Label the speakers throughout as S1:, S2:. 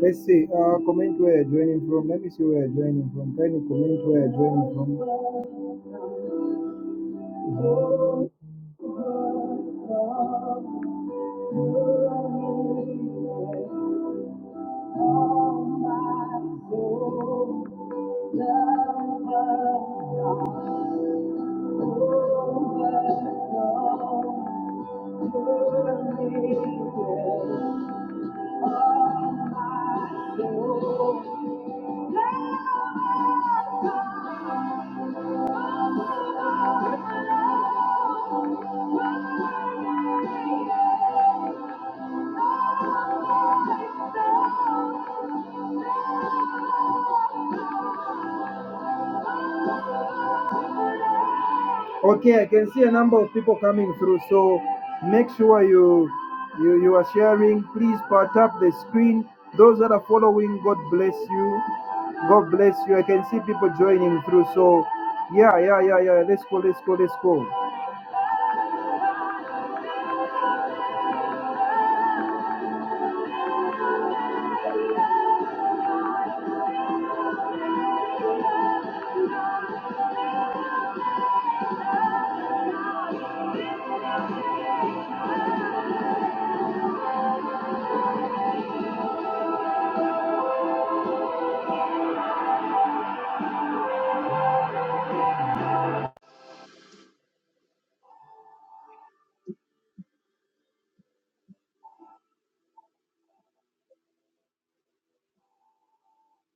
S1: Let's see. Uh, comment where you're joining from. Let me see where you're joining from. Can you comment where you're joining from. Oh, Okay, I can see a number of people coming through, so make sure you you, you are sharing. Please part up the screen. Those that are following, God bless you. God bless you. I can see people joining through. So yeah, yeah, yeah, yeah. Let's go, let's go, let's go.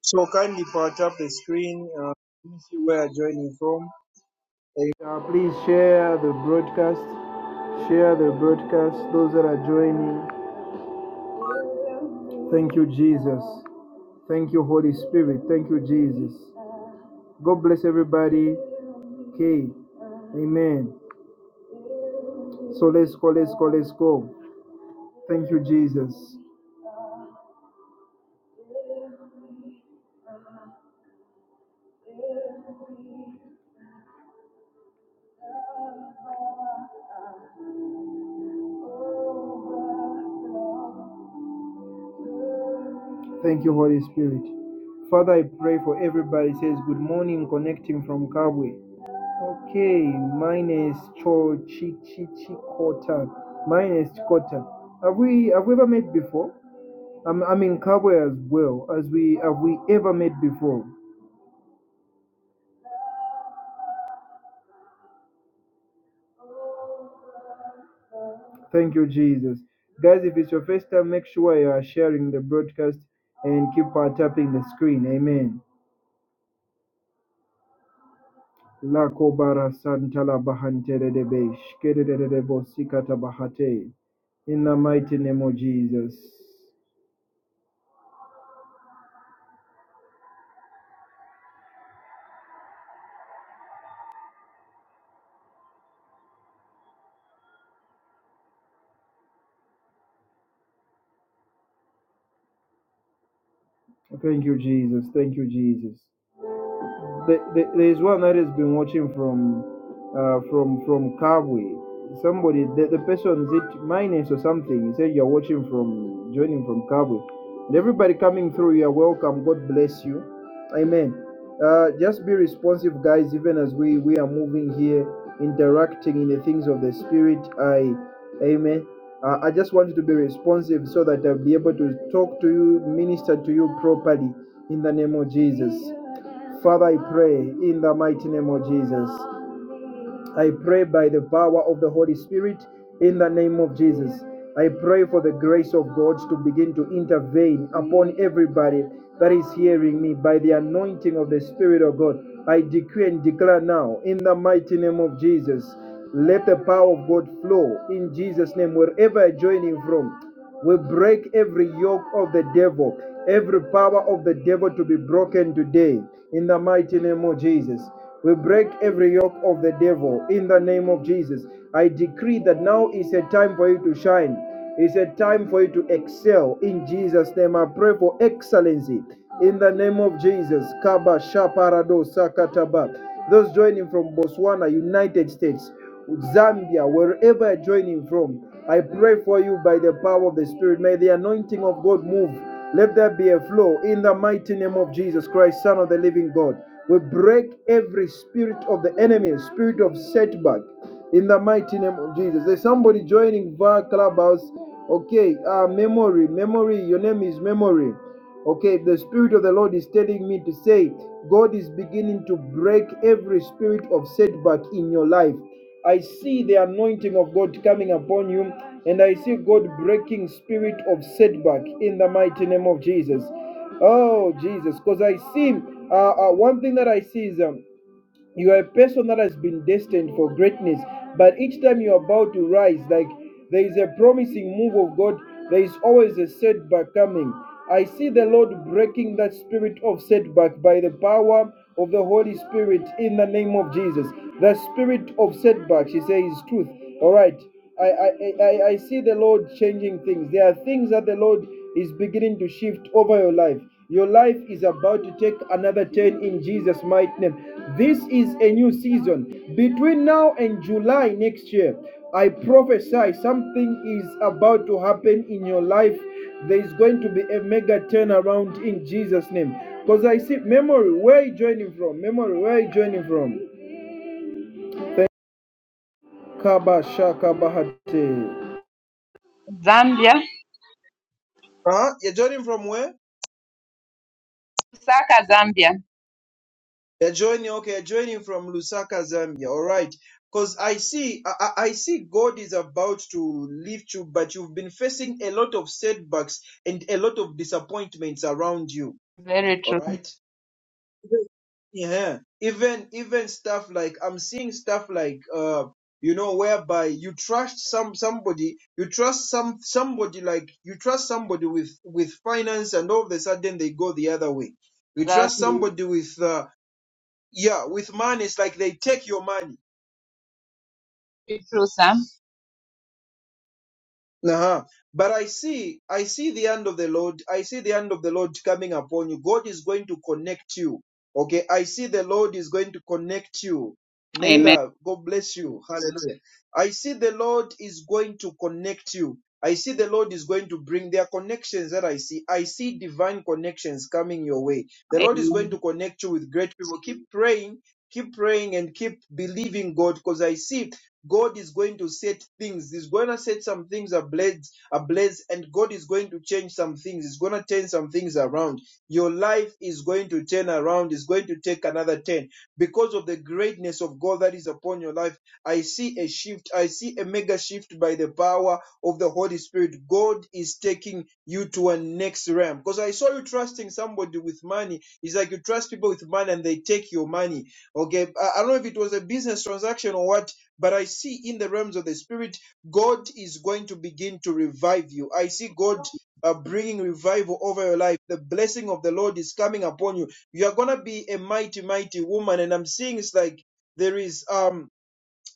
S1: So kindly part up the screen. Uh, let me see where you're joining from. And, uh, please share the broadcast. Share the broadcast. Those that are joining. Thank you, Jesus. Thank you, Holy Spirit. Thank you, Jesus. God bless everybody. Okay. Amen. So let's go, let's go, let's go. Thank you, Jesus. Thank you, Holy Spirit. Father, I pray for everybody. Says good morning, connecting from Kabwe. Okay, mine is Cho Chi Chi Chi Kota. Mine is Kota. Have we have we ever met before? I'm, I'm in Kabwe as well as we have we ever met before. Thank you, Jesus. Guys, if it's your first time, make sure you are sharing the broadcast and keep uh, tapping the screen. Amen. La kobara santala bahantere debesh shkedede debo sikata bahate. In the mighty name of Jesus. Thank you, Jesus. Thank you, Jesus. The, there's one that has been watching from uh, from from Kabwe. Somebody, the, the person, is it minus or something? He said you're watching from joining from Kabwe, and everybody coming through, you're welcome. God bless you, Amen. Uh, just be responsive, guys. Even as we we are moving here, interacting in the things of the Spirit. I, Amen. Uh, I just want you to be responsive so that I'll be able to talk to you, minister to you properly in the name of Jesus. Father, I pray in the mighty name of Jesus. I pray by the power of the Holy Spirit in the name of Jesus. I pray for the grace of God to begin to intervene upon everybody that is hearing me by the anointing of the Spirit of God. I decree and declare now in the mighty name of Jesus. Let the power of God flow in Jesus' name wherever you're joining from. We break every yoke of the devil, every power of the devil to be broken today in the mighty name of Jesus. We break every yoke of the devil in the name of Jesus. I decree that now is a time for you to shine. It's a time for you to excel in Jesus' name. I pray for excellency in the name of Jesus. Kaba Shaparado Sakataba. Those joining from Botswana, United States. Zambia, wherever you're joining from, I pray for you by the power of the Spirit. May the anointing of God move. Let there be a flow in the mighty name of Jesus Christ, Son of the living God. We break every spirit of the enemy, spirit of setback, in the mighty name of Jesus. There's somebody joining via Clubhouse. Okay, uh, memory, memory, your name is memory. Okay, the Spirit of the Lord is telling me to say, God is beginning to break every spirit of setback in your life. I see the anointing of God coming upon you, and I see God breaking spirit of setback in the mighty name of Jesus. Oh, Jesus, because I see uh, uh, one thing that I see is. Um, you are a person that has been destined for greatness, but each time you're about to rise, like there is a promising move of God, there is always a setback coming. I see the Lord breaking that spirit of setback by the power of the Holy Spirit in the name of Jesus. The spirit of setback, she says, is truth. All right. I, I, I, I see the Lord changing things. There are things that the Lord is beginning to shift over your life. Your life is about to take another turn in Jesus' mighty name. This is a new season. Between now and July next year, I prophesy something is about to happen in your life. There is going to be a mega turnaround in Jesus' name. Because I see memory, where are you joining from? Memory, where are you joining from? Kabashakabahate.
S2: Zambia,
S1: Huh? You're joining from where?
S2: Lusaka, Zambia.
S1: They're joining, okay, they're joining from Lusaka, Zambia. All right. Because I see, I, I I see God is about to lift you, but you've been facing a lot of setbacks and a lot of disappointments around you.
S2: Very
S1: All
S2: true.
S1: right. Yeah. Even, even stuff like, I'm seeing stuff like, uh, you know, whereby you trust some, somebody, you trust some, somebody like, you trust somebody with, with finance and all of a sudden they go the other way. You
S2: That
S1: trust
S2: is
S1: somebody with, uh, yeah with money it's like they take your money
S2: very true, sir.
S1: uh-huh. but i see i see the hand of the lord i see the hand of the lord coming upon you god is going to connect you okay i see the lord is going to connect you
S2: Amen.
S1: naila god bless you hallelujah i see the lord is going to connect you i see the lord is going to bring their connections that i see i see divine connections coming your way the lord is going
S2: Amen.
S1: to connect you with great people keep praying keep praying and keep believing God because I see God is going to set things. He's going to set some things ablaze, ablaze, and God is going to change some things. He's going to turn some things around. Your life is going to turn around. It's going to take another turn because of the greatness of God that is upon your life. I see a shift. I see a mega shift by the power of the Holy Spirit. God is taking you to a next realm because I saw you trusting somebody with money. It's like you trust people with money and they take your money Okay, I I don't know if it was a business transaction or what, but I see in the realms of the spirit, God is going to begin to revive you. I see God uh, bringing revival over your life. The blessing of the Lord is coming upon you. You are gonna be a mighty, mighty woman, and I'm seeing it's like there is um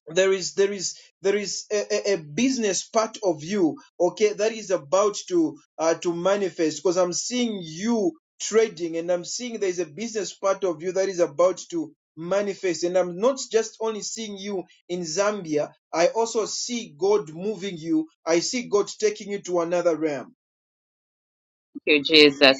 S1: there is there is there is a, a, a business part of you okay that is about to uh, to manifest because i'm seeing you trading and i'm seeing there is a business part of you that is about to manifest and i'm not just only seeing you in zambia i also see god moving you i see god taking you to another realm
S2: Thank you, Jesus.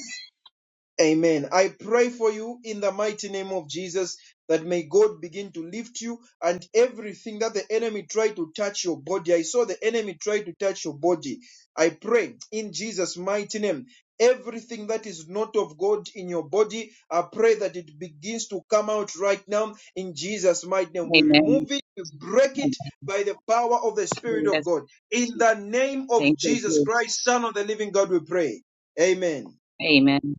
S1: Amen. I pray for you in the mighty name of Jesus that may God begin to lift you and everything that the enemy tried to touch your body. I saw the enemy try to touch your body. I pray in Jesus' mighty name. Everything that is not of God in your body, I pray that it begins to come out right now in Jesus' mighty name. We
S2: Amen.
S1: remove it, we break it by the power of the Spirit of
S2: Yes.
S1: God. In the name
S2: Thank
S1: of
S2: you,
S1: Jesus
S2: Jesus.
S1: Christ, Son of the living God, we pray. Amen.
S2: Amen.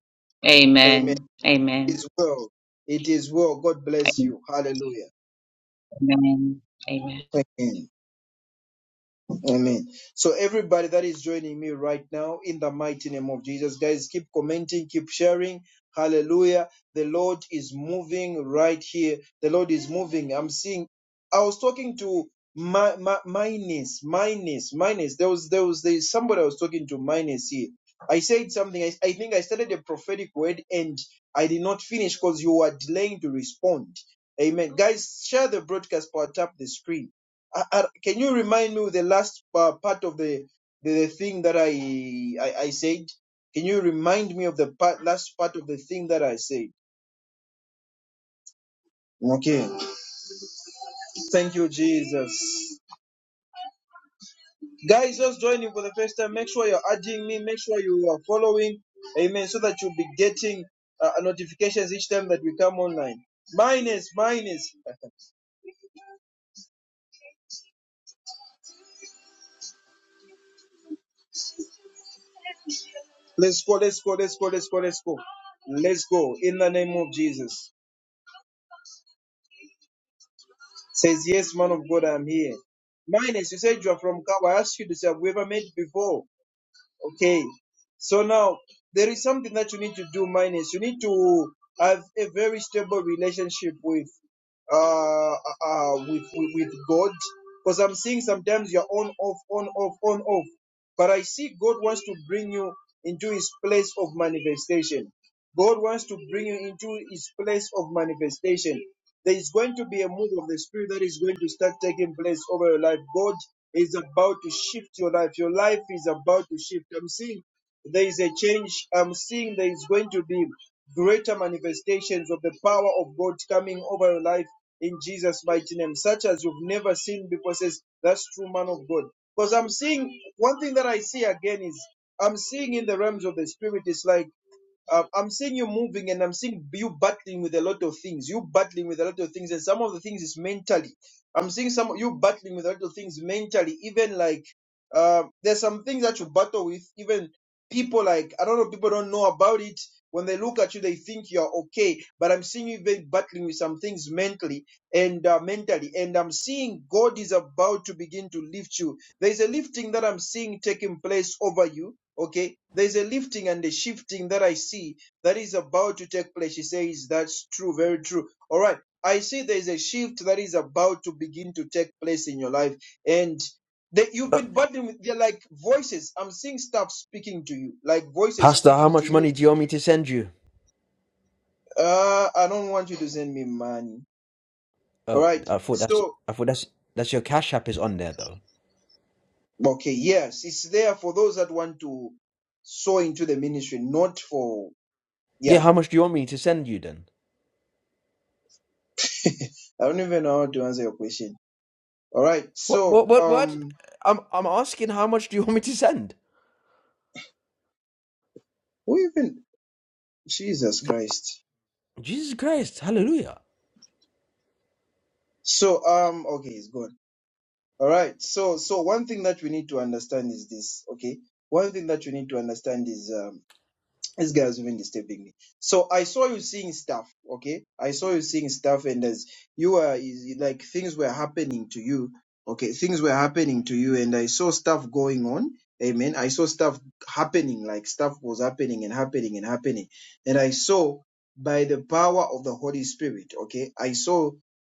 S1: Amen
S2: Amen. Amen.
S1: is well. It is well. God bless
S2: Amen.
S1: you. Hallelujah.
S2: Amen. Amen.
S1: Amen. Amen. So everybody that is joining me right now, in the mighty name of Jesus, guys, keep commenting, keep sharing. Hallelujah. The Lord is moving right here. The Lord is moving. I'm seeing. I was talking to my my, my niece, my niece, my niece. There was there was there. somebody I was talking to my niece here. I said something. I, I think I started a prophetic word and I did not finish because you were delaying to respond. Amen. Guys, share the broadcast or tap the screen I, I, can you remind me with the last uh, part of the, the the thing that I, I I said? Can you remind me of the part, last part of the thing that I said? Okay. Thank you, Jesus. Guys, just joining for the first time. Make sure you're adding me. Make sure you are following. Amen. So that you'll be getting uh, notifications each time that we come online. Minus, minus. Let's go, let's go, let's go, let's go, let's go. Let's go in the name of Jesus. Says, Yes, man of God, I'm here. Minus, you said you are from Kabo. I asked you to say, Have we ever met before? Okay. So now, there is something that you need to do, Minus. You need to have a very stable relationship with uh, uh, uh, with, with, with God. Because I'm seeing sometimes you're on, off, on, off, on, off. But I see God wants to bring you into his place of manifestation. God wants to bring you into his place of manifestation. There is going to be a move of the Spirit that is going to start taking place over your life. God is about to shift your life. Your life is about to shift. I'm seeing there is a change. I'm seeing there is going to be greater manifestations of the power of God coming over your life in Jesus' mighty name, such as you've never seen before. Says that's true, man of God. Because I'm seeing one thing that I see again is I'm seeing in the realms of the spirit is like um, I'm seeing you moving and I'm seeing you battling with a lot of things. You battling with a lot of things, and some of the things is mentally. I'm seeing some you battling with a lot of things mentally. Even like um, there's some things that you battle with. Even people like I don't know, people don't know about it. When they look at you, they think you're okay. But I'm seeing you very battling with some things mentally and uh, mentally, and I'm seeing God is about to begin to lift you. There's a lifting that I'm seeing taking place over you. Okay. There's a lifting and a shifting that I see that is about to take place. She says, That's true, very true. All right. I see there's a shift that is about to begin to take place in your life. And that you've been battling with, they're like voices. I'm seeing stuff speaking to you, like voices
S3: Pastor, how
S1: speaking to
S3: much
S1: you.
S3: money do you want me to send you?
S1: Uh, I don't want you to send me money. All
S3: Oh,
S1: right.
S3: I thought that's
S1: So,
S3: I thought that's that's your Cash App is on there though.
S1: okay. Yes. It's there for those that want to sow into the ministry, not for, yeah.
S3: Yeah, how much do you want me to send you then?
S1: I don't even know how to answer your question. All right.
S3: What
S1: So,
S3: what what what?
S1: um,
S3: I'm I'm asking how much do you want me to send?
S1: who even Jesus Christ.
S3: Jesus Christ, hallelujah.
S1: So, um, okay, it's gone. All right. So, so one thing that we need to understand is this. Okay. One thing that we need to understand is, um, This guy is even disturbing me. So I saw you seeing stuff, okay? I saw you seeing stuff, and as you were is- like things were happening to you, okay? Things were happening to you, and I saw stuff going on. Amen. I saw stuff happening, like stuff was happening and happening and happening. And I saw by the power of the Holy Spirit, okay? I saw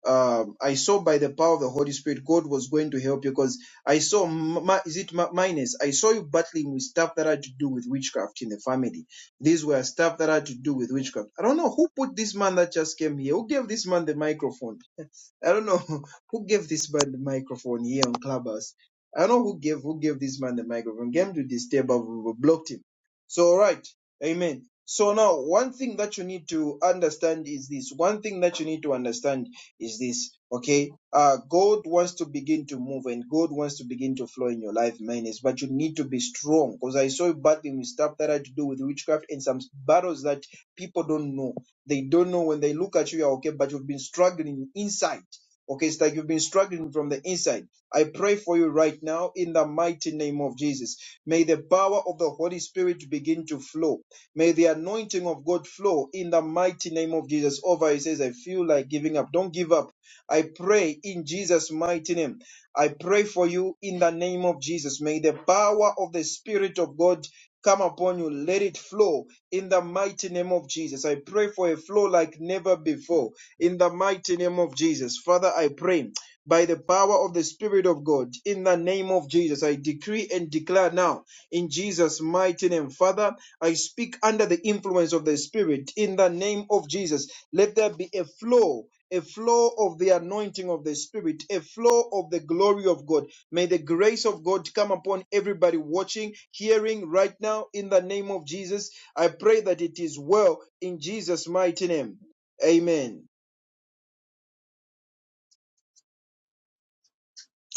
S1: um I saw by the power of the Holy Spirit, God was going to help you because I saw, mi- is it mi- minus? I saw you battling with stuff that had to do with witchcraft in the family these were stuff that had to do with witchcraft. I don't know who put this man that just came here. Who gave this man the microphone? I don't know who gave this man the microphone here on Clubhouse. I don't know who gave who gave this man the microphone. Came to this table, we blocked him. So all right, amen. So now, one thing that you need to understand is this. One thing that you need to understand is this okay uh god wants to begin to move and god wants to begin to flow in your life manes but you need to be strong because i saw you battling with stuff that had to do with witchcraft and some battles that people don't know they don't know when they look at you you're okay but you've been struggling inside Okay, it's like you've been struggling from the inside. I pray for you right now in the mighty name of Jesus. May the power of the Holy Spirit begin to flow. May the anointing of God flow in the mighty name of Jesus. Over, he says, I feel like giving up. Don't give up. I pray in Jesus' mighty name. I pray for you in the name of Jesus. May the power of the Spirit of God come upon you. Let it flow in the mighty name of Jesus. I pray for a flow like never before in the mighty name of Jesus. Father, I pray by the power of the Spirit of God in the name of Jesus. I decree and declare now in Jesus' mighty name. Father, I speak under the influence of the Spirit in the name of Jesus. Let there be a flow a flow of the anointing of the Spirit, a flow of the glory of God. May the grace of God come upon everybody watching, hearing right now in the name of Jesus. I pray that it is well in Jesus' mighty name. Amen.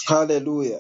S1: Hallelujah.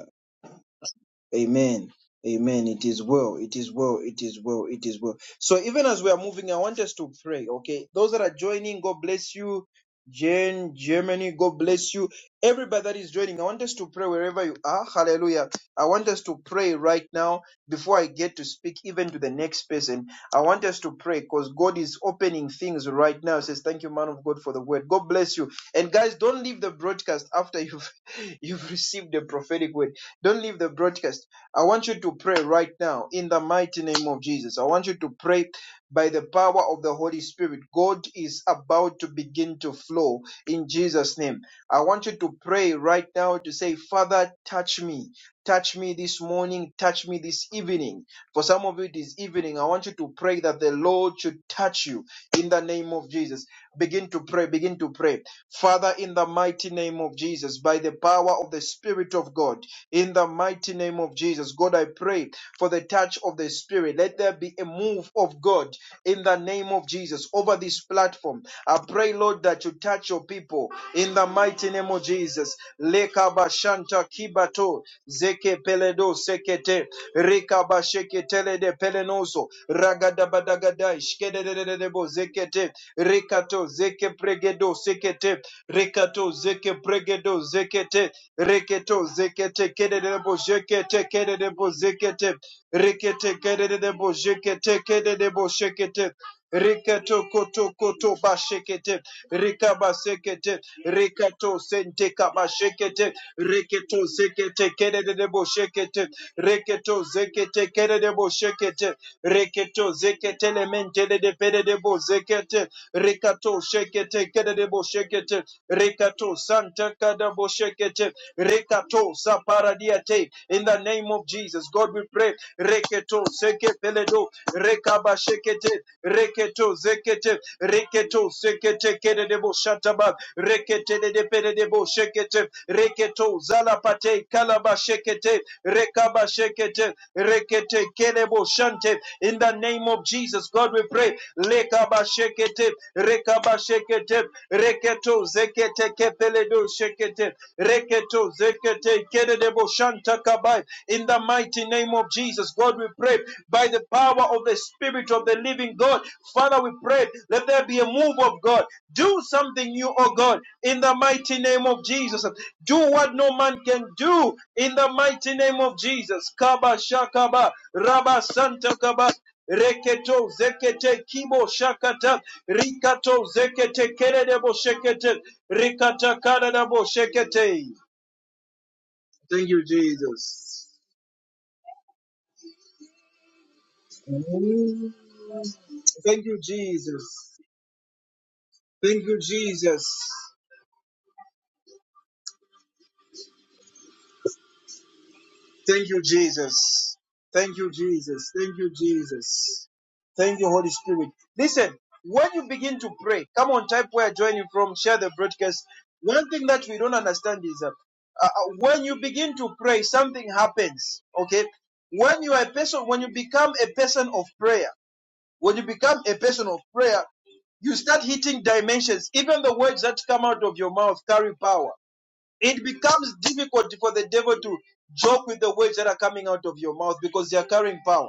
S1: Amen. Amen. It is well. It is well. It is well. It is well. So even as we are moving, I want us to pray. Okay. Those that are joining, God bless you. Jane, Germany, God bless you. Everybody that is joining, I want us to pray wherever you are. Hallelujah. I want us to pray right now before I get to speak even to the next person. I want us to pray because God is opening things right now. It says, Thank you, man of God, for the word. God bless you. And guys, don't leave the broadcast after you've you've received the prophetic word. Don't leave the broadcast I want you to pray right now in the mighty name of Jesus. I want you to pray by the power of the Holy Spirit. God is about to begin to flow in Jesus' name. I want you to pray right now to say, Father, touch me. Touch me this morning. Touch me this evening. For some of you this evening, I want you to pray that the Lord should touch you in the name of Jesus. Begin to pray, begin to pray. Father, in the mighty name of Jesus, by the power of the Spirit of God, in the mighty name of Jesus, God, I pray for the touch of the Spirit. Let there be a move of God in the name of Jesus over this platform. I pray, Lord, that you touch your people in the mighty name of Jesus. Lekabashanta kibato zeke peledo sekete Rekabasheke tele de pelenoso. Ragadabadagadai. Shkededededebo zekete. Rikato zeke pregedo sekete. Rikato zeke pregedo zekete. Reketo zekete. Kededebo zekete. Kededebo zekete. Rekete kededebo zekete. Kededebo zekete. Rikato koto koto bashekete. Rikabasekete. Rikato sente kabashekete. Reketo zekete. Kededebo zekete. Reketo zekete kererebo shekete. Reketo zekete lemente de pererebo zekete. Rekato shekete kererebo shekete. Rekato santa kadabo shekete. Rekato saparadiate. In the name of Jesus, God we pray. Reketo seke Rekaba shekete. Reketo zekete. Reketo sekete kererebo shataba. Rekete de pererebo shekete. Reketo zalapate kalaba shekete. Rekaba shekete, rekete kelebo shante. In the name of Jesus, God, we pray. Lekaba shekete, rekaba shekete, reketo zekete kepeledo shekete. Reketo zekete kededebo shanta kabai. In the mighty name of Jesus, God, we pray by the power of the Spirit of the living God. Father, we pray, let there be a move of God. Do something new, oh God, in the mighty name of Jesus. Do what no man can do in the mighty name of Jesus. Kaba shakaba, raba santa kaba, Reketo zekete kibo shakata rikato zekete kerebo shekete rikata karabo shekete. Thank you, Jesus. Thank you, Jesus. Thank you, Jesus. Thank you, Jesus. Thank you, Jesus. Thank you, Jesus. Thank you, Holy Spirit. Listen, when you begin to pray, come on, type where you're joining from, share the broadcast. One thing that we don't understand is uh, uh, uh, when you begin to pray, something happens. Okay, when you are a person, when you become a person of prayer, when you become a person of prayer, you start hitting dimensions. Even the words that come out of your mouth carry power it becomes difficult for the devil to joke with the words that are coming out of your mouth because they are carrying power.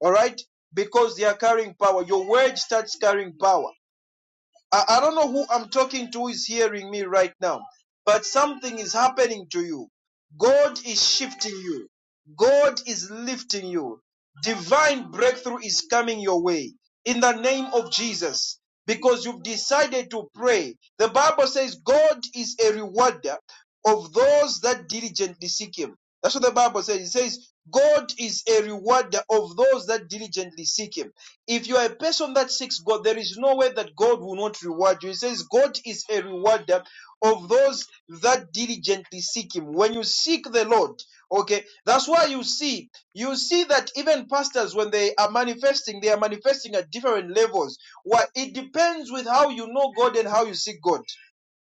S1: All right? Because they are carrying power. Your word starts carrying power. I, I don't know who I'm talking to who is hearing me right now, but something is happening to you. God is shifting you, God is lifting you. Divine breakthrough is coming your way in the name of Jesus because you've decided to pray. The Bible says God is a rewarder of those that diligently seek Him. That's what the Bible says. It says God is a rewarder of those that diligently seek Him. If you are a person that seeks God, there is no way that God will not reward you. He says, God is a rewarder of those that diligently seek Him. When you seek the Lord, okay, that's why you see, you see that even pastors, when they are manifesting, they are manifesting at different levels. Why it depends with how you know God and how you seek God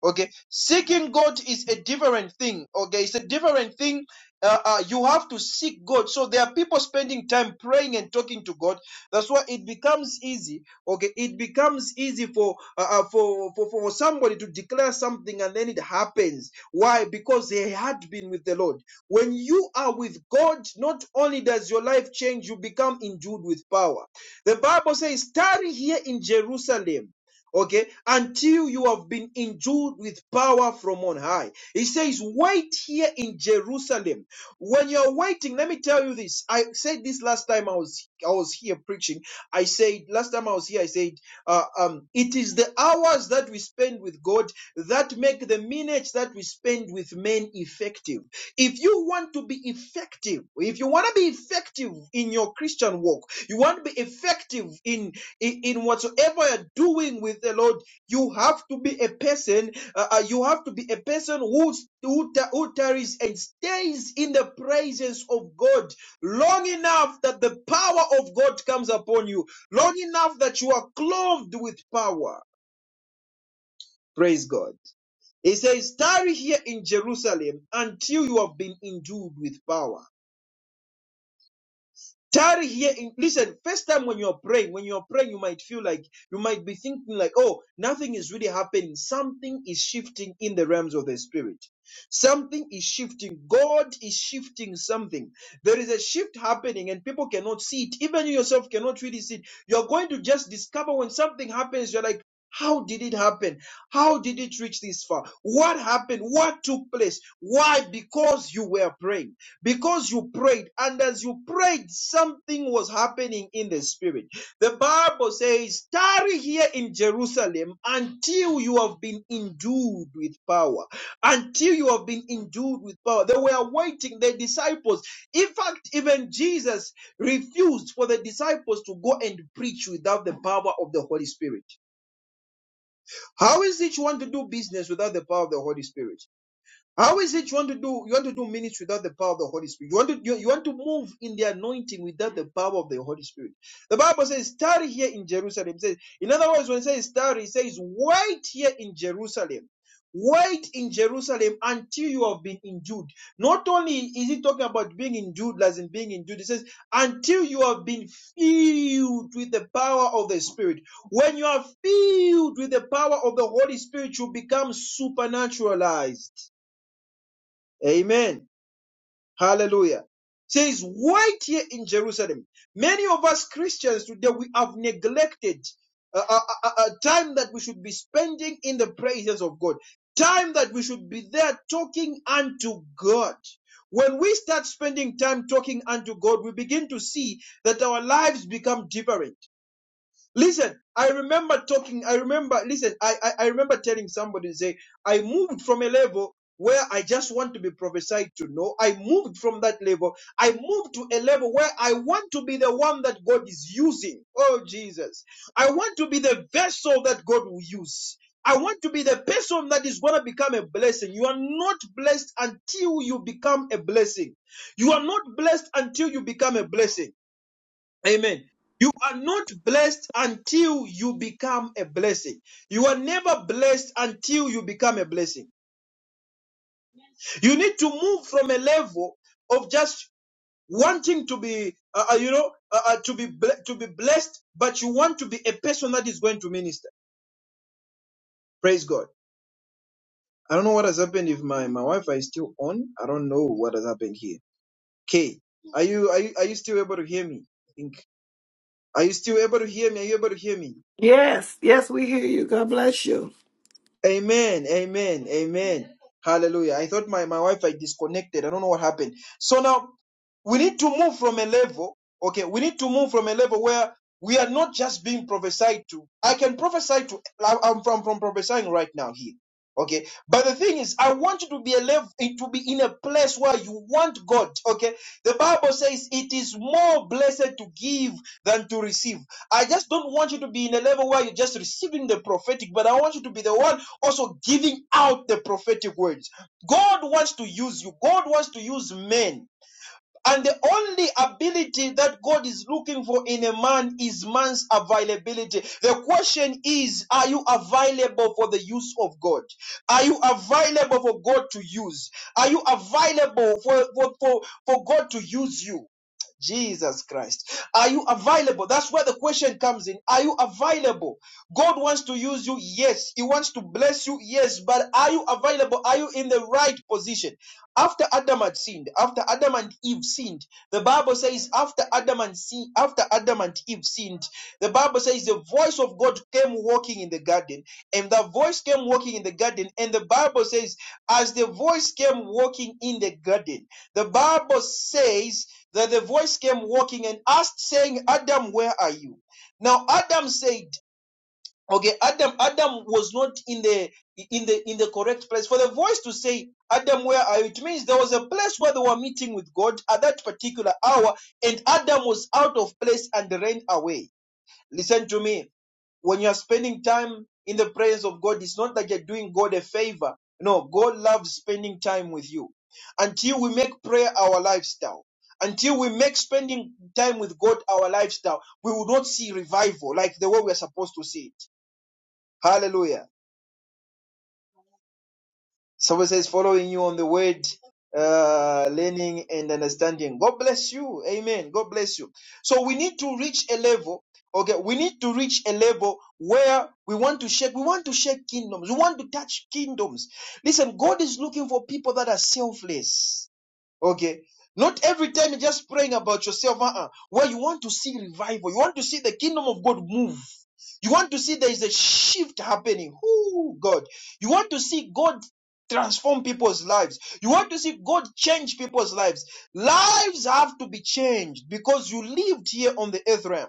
S1: okay seeking god is a different thing okay it's a different thing uh, uh, you have to seek god so there are people spending time praying and talking to god that's why it becomes easy okay it becomes easy for uh, uh, for, for for somebody to declare something and then it happens why because they had been with the lord when you are with god not only does your life change you become endued with power the bible says tarry here in jerusalem okay, until you have been endued with power from on high. He says, Wait here in Jerusalem. When you're waiting, let me tell you this. I said this last time I was I was here preaching. I said last time I was here, I said, uh, um, it is the hours that we spend with God that make the minutes that we spend with men effective. If you want to be effective, if you want to be effective in your Christian walk, you want to be effective in in, in whatsoever you're doing with the Lord, you have to be a person. Uh, uh, you have to be a person who who, who tarries and stays in the presence of God long enough that the power of God comes upon you. Long enough that you are clothed with power. Praise God. He says, "Tarry here in Jerusalem until you have been endued with power." Tarry here. In, listen, first time when you're praying, when you're praying, you might feel like, you might be thinking like, oh, nothing is really happening. Something is shifting in the realms of the spirit. Something is shifting. God is shifting something. There is a shift happening and people cannot see it. Even you yourself cannot really see it. You're going to just discover when something happens, you're like, how did it happen? How did it reach this far? What happened? What took place? Why? Because you were praying because you prayed and as you prayed something was happening in the spirit the bible says tarry here in jerusalem until you have been endued with power until you have been endued with power they were waiting the disciples in fact even jesus refused for the disciples to go and preach without the power of the holy spirit how is it you want to do business without the power of the holy spirit how is it you want to do you want to do minutes without the power of the Holy Spirit? You want to you, you want to move in the anointing without the power of the Holy Spirit. The Bible says, tarry here in Jerusalem. It says, in other words, when it says tarry, it says wait here in Jerusalem. Wait in Jerusalem until you have been endued. Not only is he talking about being endued, as in being endued, it says, until you have been filled with the power of the Spirit. When you are filled with the power of the Holy Spirit, you become supernaturalized. Amen. Hallelujah. Says right here in Jerusalem. Many of us Christians today we have neglected a, a, a a time that we should be spending in the presence of God. Time that we should be there talking unto God. When we start spending time talking unto God, we begin to see that our lives become different. Listen, I remember talking, I remember, listen, I, I, I remember telling somebody, say, I moved from a level where I just want to be prophesied to know. I moved from that level. I moved to a level where I want to be the one that God is using. Oh, Jesus. I want to be the vessel that God will use. I want to be the person that is going to become a blessing. You are not blessed until you become a blessing. You are not blessed until you become a blessing. Amen. You are not blessed until you become a blessing. You are never blessed until you become a blessing. You need to move from a level of just wanting to be, uh, uh, you know, uh, uh, to be ble- to be blessed, but you want to be a person that is going to minister. Praise God. I don't know what has happened if my my Wi-Fi is still on. I don't know what has happened here. Kay, are you are you are you still able to hear me? I think. Are you still able to hear me? Are you able to hear me?
S4: Yes, yes, we hear you. God bless you.
S1: Amen. Amen. Amen. Hallelujah. I thought my, my Wi-Fi disconnected. I don't know what happened. So now we need to move from a level okay we need to move from a level where we are not just being prophesied to i can prophesy to I- am from from prophesying right now here okay but the thing is i want you to be a level to be in a place where you want god okay the bible says it is more blessed to give than to receive i just don't want you to be in a level where you're just receiving the prophetic but i want you to be the one also giving out the prophetic words god wants to use you god wants to use men and the only ability that God is looking for in a man is man's availability. The question is, are you available for the use of God? Are you available for God to use? Are you available for, for, for, for God to use you? Jesus Christ. Are you available? That's where the question comes in. Are you available? God wants to use you, yes. He wants to bless you, yes. But are you available? Are you in the right position? After Adam had sinned, after Adam and Eve sinned, the Bible says, after Adam and sin, after Adam and Eve sinned, the Bible says the voice of God came walking in the garden, and the voice came walking in the garden, and the Bible says, as the voice came walking in the garden. The Bible says that the voice came walking and asked, saying, Adam, where are you? Now Adam said, Okay, Adam, Adam was not in the in the in the correct place. For the voice to say, Adam, where are you? It means there was a place where they were meeting with God at that particular hour, and Adam was out of place and ran away. Listen to me. When you are spending time in the presence of God, it's not that you're doing God a favor. No, God loves spending time with you. Until we make prayer our lifestyle, until we make spending time with God our lifestyle, we will not see revival like the way we are supposed to see it. Hallelujah. Someone says following you on the word, uh, learning and understanding. God bless you. Amen. God bless you. So we need to reach a level. Okay, we need to reach a level where we want to shake. We want to shake kingdoms. We want to touch kingdoms. Listen, God is looking for people that are selfless. Okay. Not every time you're just praying about yourself, uh-uh. Where you want to see revival, you want to see the kingdom of God move. You want to see there is a shift happening. Whoo, God. You want to see God transform people's lives. You want to see God change people's lives. Lives have to be changed because you lived here on the earth realm.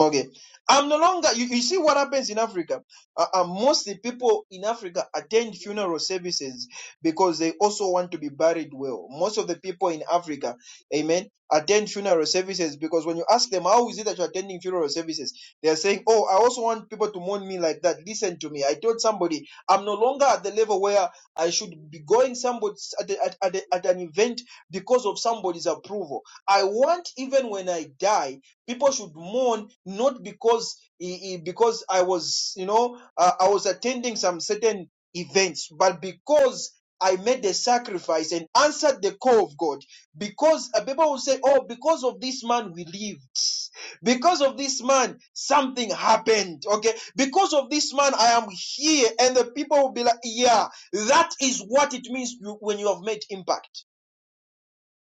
S1: Okay. I'm no longer, you, you see what happens in Africa? Uh, uh, mostly people in Africa attend funeral services because they also want to be buried well. Most of the people in Africa, amen, attend funeral services because when you ask them, how is it that you're attending funeral services? They're saying, oh, I also want people to mourn me like that. Listen to me. I told somebody, I'm no longer at the level where I should be going somebody at, the- at, at, the- at an event because of somebody's approval. I want, even when I die, People should mourn not because eh, eh, because I was you know uh, I was attending some certain events, but because I made the sacrifice and answered the call of God. Because uh, people will say, "Oh, because of this man we lived. Because of this man something happened." Okay, because of this man I am here, and the people will be like, "Yeah, that is what it means when you have made impact."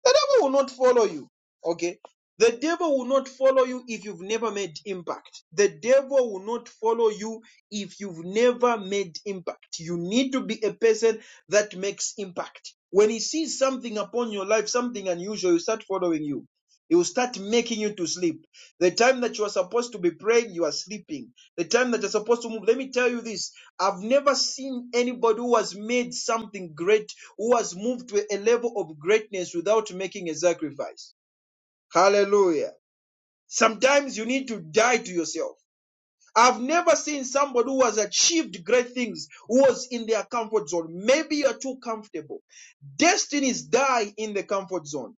S1: The devil will not follow you. Okay? The devil will not follow you if you've never made impact. The devil will not follow you if you've never made impact. You need to be a person that makes impact. When he sees something upon your life, something unusual, he will start following you. He will start making you to sleep. The time that you are supposed to be praying, you are sleeping the time that you're supposed to move. Let me tell you this. I've never seen anybody who has made something great, who has moved to a level of greatness without making a sacrifice. Hallelujah. Sometimes you need to die to yourself. I've never seen somebody who has achieved great things who was in their comfort zone. Maybe you're too comfortable. Destinies die in the comfort zone.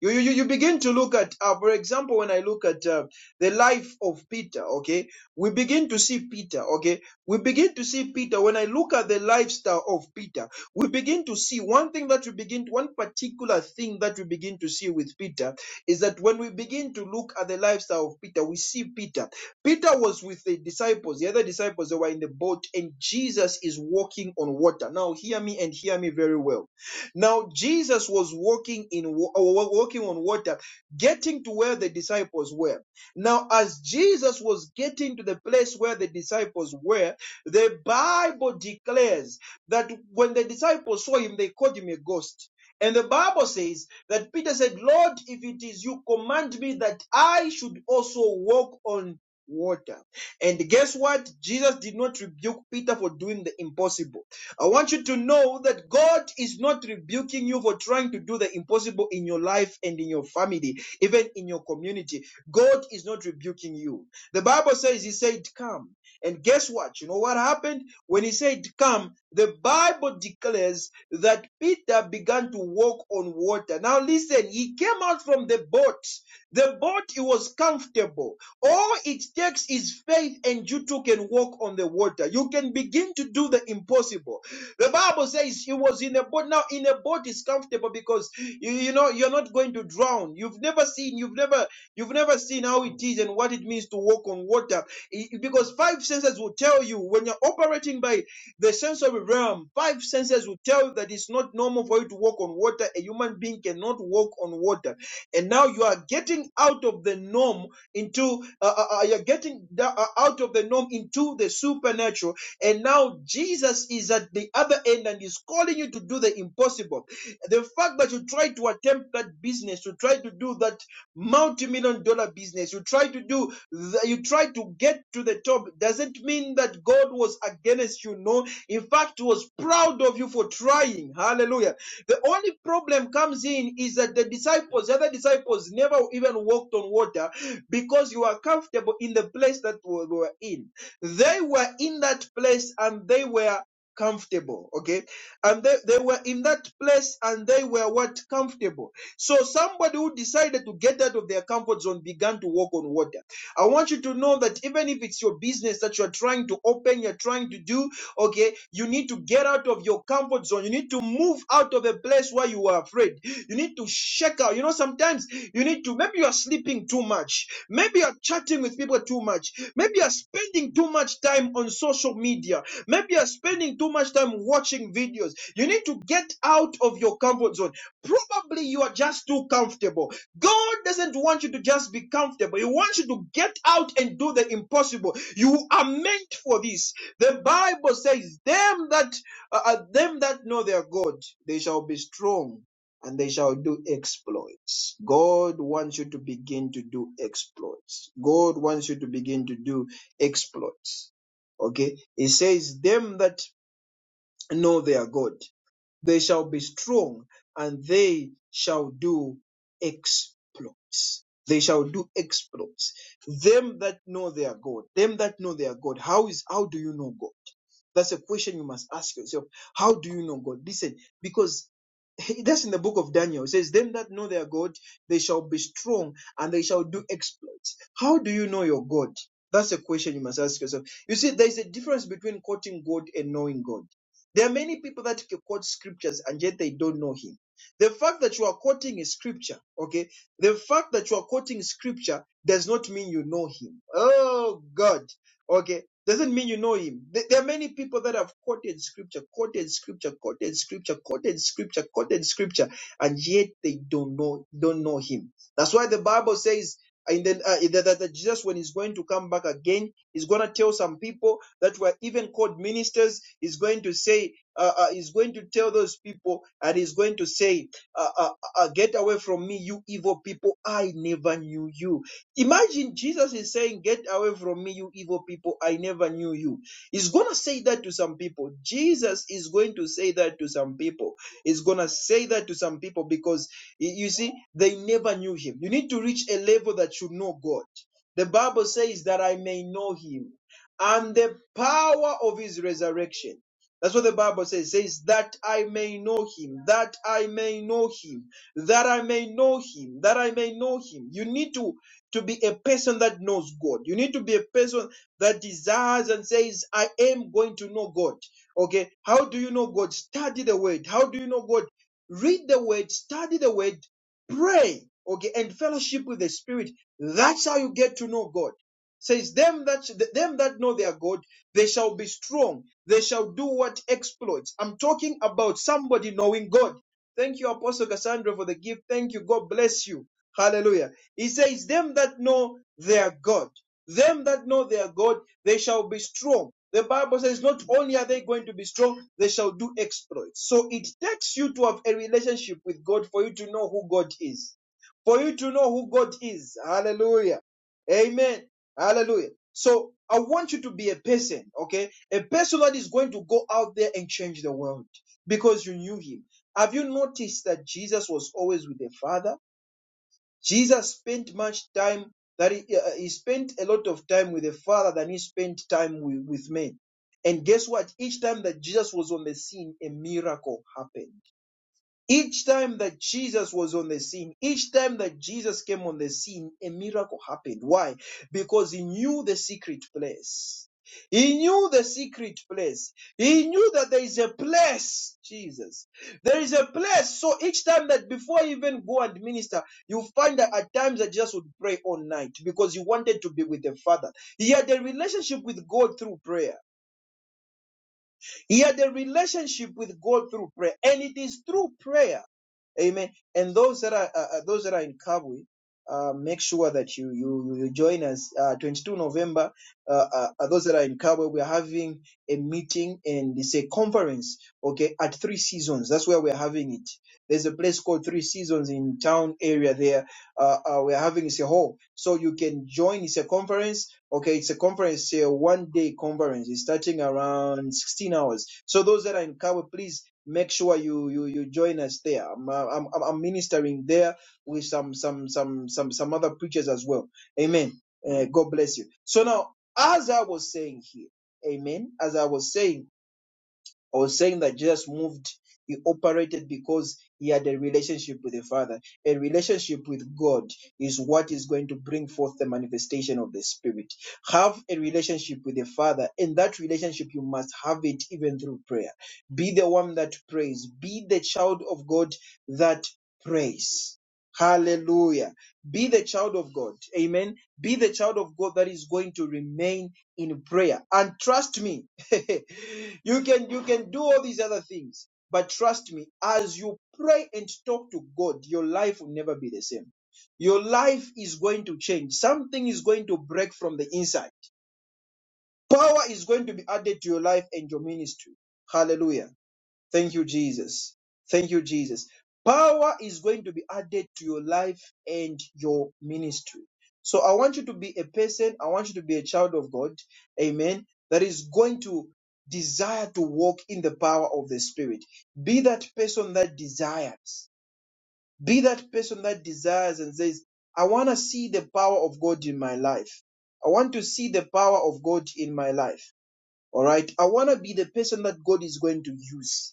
S1: You, you, you begin to look at, uh, for example, when I look at uh, the life of Peter, okay, we begin to see Peter, okay, we begin to see Peter. When I look at the lifestyle of Peter, we begin to see one thing that we begin, one particular thing that we begin to see with Peter is that when we begin to look at the lifestyle of Peter, we see Peter. Peter was with the disciples, the other disciples, they were in the boat, and Jesus is walking on water. Now, hear me and hear me very well. Now, Jesus was walking in uh, walking on water, getting to where the disciples were. Now, as Jesus was getting to the place where the disciples were, the Bible declares that when the disciples saw him, they called him a ghost. And the Bible says that Peter said, Lord, if it is you, command me that I should also walk on water. And guess what? Jesus did not rebuke Peter for doing the impossible. I want you to know that God is not rebuking you for trying to do the impossible in your life and in your family, even in your community. God is not rebuking you. The Bible says, He said, Come. And guess what? You know what happened? When He said, Come, the Bible declares that Peter began to walk on water. Now listen, he came out from the boat. The boat, it was comfortable all it takes is faith, and you too can walk on the water. You can begin to do the impossible. The Bible says he was in a boat. Now, in a boat is comfortable because you, you know you're not going to drown. You've never seen, you've never, you've never seen how it is and what it means to walk on water. I- because five senses will tell you when you're operating by the sensory realm. Five senses will tell you that it's not normal for you to walk on water. A human being cannot walk on water, and now you are getting out of the norm into uh, uh, uh, you're getting da- uh, out of the norm into the supernatural and now jesus is at the other end and is calling you to do the impossible the fact that you try to attempt that business you try to do that multi-million dollar business you try to do the, you try to get to the top doesn't mean that god was against you no in fact he was proud of you for trying hallelujah the only problem comes in is that the disciples, the other disciples, never even walked on water because you are comfortable in the place that we were in. They were in that place and they were comfortable okay and they, they were in that place and they were what comfortable so somebody who decided to get out of their comfort zone began to walk on water i want you to know that even if it's your business that you're trying to open you're trying to do Okay, you need to get out of your comfort zone. You need to move out of a place where you are afraid. You need to shake out. You know, sometimes you need to, maybe you are sleeping too much. Maybe you are chatting with people too much. Maybe you are spending too much time on social media. Maybe you are spending too much time watching videos. You need to get out of your comfort zone. Probably you are just too comfortable. God doesn't want you to just be comfortable. He wants you to get out and do the impossible. You are meant for this. The Bible says, "Them that uh, uh, them that know their God, they shall be strong, and they shall do exploits." God wants you to begin to do exploits. God wants you to begin to do exploits. Okay, He says, "Them that know their God." They shall be strong and they shall do exploits. They shall do exploits. Them that know their God, them that know their God, how is how do you know God? That's a question you must ask yourself. How do you know God? Listen, because that's in the book of Daniel. It says, Them that know their God, they shall be strong and they shall do exploits. How do you know your God? That's a question you must ask yourself. You see, there's a difference between quoting God and knowing God. There are many people that can quote scriptures and yet they don't know him. The fact that you are quoting a scripture, okay, the fact that you are quoting scripture does not mean you know him. Oh God, okay, doesn't mean you know him. Th- There are many people that have quoted scripture, quoted scripture, quoted scripture, quoted scripture, quoted scripture, and yet they don't know, don't know him. That's why the Bible says in the, uh, that that- that Jesus, when he's going to come back again, is gonna tell some people that were even called ministers is going to say, uh, uh, is going to tell those people and is going to say, uh, uh, uh, uh, get away from me, you evil people. I never knew you. Imagine Jesus is saying, get away from me, you evil people. I never knew you. He's going to say that to some people. Jesus is going to say that to some people. He's going to say that to some people because you see, they never knew him. You need to reach a level that you know God. The Bible says that I may know him and the power of his resurrection. That's what the Bible says. It Says that I may know him, that I may know him, that I may know him, that I may know him. You need to, to be a person that knows God. You need to be a person that desires and says, I am going to know God. Okay. How do you know God? Study the word. How do you know God? Read the word, study the word, pray. Okay. And fellowship with the Spirit. That's how you get to know God says them that them that know their god they shall be strong they shall do what exploits i'm talking about somebody knowing god thank you apostle cassandra for the gift thank you god bless you hallelujah he says them that know their god them that know their god they shall be strong the bible says not only are they going to be strong they shall do exploits so it takes you to have a relationship with god for you to know who god is for you to know who god is hallelujah Amen. Hallelujah. So I want you to be a person, okay? A person that is going to go out there and change the world because you knew him. Have you noticed that Jesus was always with the Father? Jesus spent much time that he, uh, uh, he spent a lot of time with the Father than he spent time with, with men. And guess what? Each time that Jesus was on the scene, a miracle happened. Each time that Jesus was on the scene, each time that Jesus came on the scene, a miracle happened. Why? Because he knew the secret place. He knew the secret place. He knew that there is a place, Jesus. There is a place. So each time that before you even go and minister, you find that at times that Jesus would pray all night because he wanted to be with the Father. He had a relationship with God through prayer. He had a relationship with God through prayer. And it is through prayer Amen. And those that are uh, uh, those that are in Kabwe, uh, make sure that you you you join us. Uh, 22 November. Uh, uh, uh, those that are in Kabwe, we are having a meeting and it's a conference. Okay, at Three Seasons. That's where we're having it. There's a place called Three Seasons in town area. There, uh, uh, we're having it's a hall, so you can join. It's a conference. Okay, it's a conference, a one day conference. It's starting around 16 hours. So those that are in Kabwe, please make sure you you you join us there. I'm uh, I'm, I'm I'm ministering there with some some some some some other preachers as well. Amen. Uh, God bless you. So now, as I was saying here, Amen. As I was saying. I was saying that Jesus moved, he operated because he had a relationship with the Father. A relationship with God is what is going to bring forth the manifestation of the Spirit. Have a relationship with the Father, and that relationship you must have it even through prayer. Be the one that prays, be the child of God that prays. Hallelujah. Be the child of God. Amen. Be the child of God that is going to remain in prayer. And trust me, you can you can do all these other things, but trust me, as you pray and talk to God, your life will never be the same. Your life is going to change. Something is going to break from the inside. Power is going to be added to your life and your ministry. Hallelujah. Thank you, Jesus. Thank you, Jesus. Power is going to be added to your life and your ministry. So I want you to be a person, I want you to be a child of God, amen, that is going to desire to walk in the power of the Spirit. Be that person that desires. Be that person that desires and says, I want to see the power of God in my life. I want to see the power of God in my life. All right. I want to be the person that God is going to use.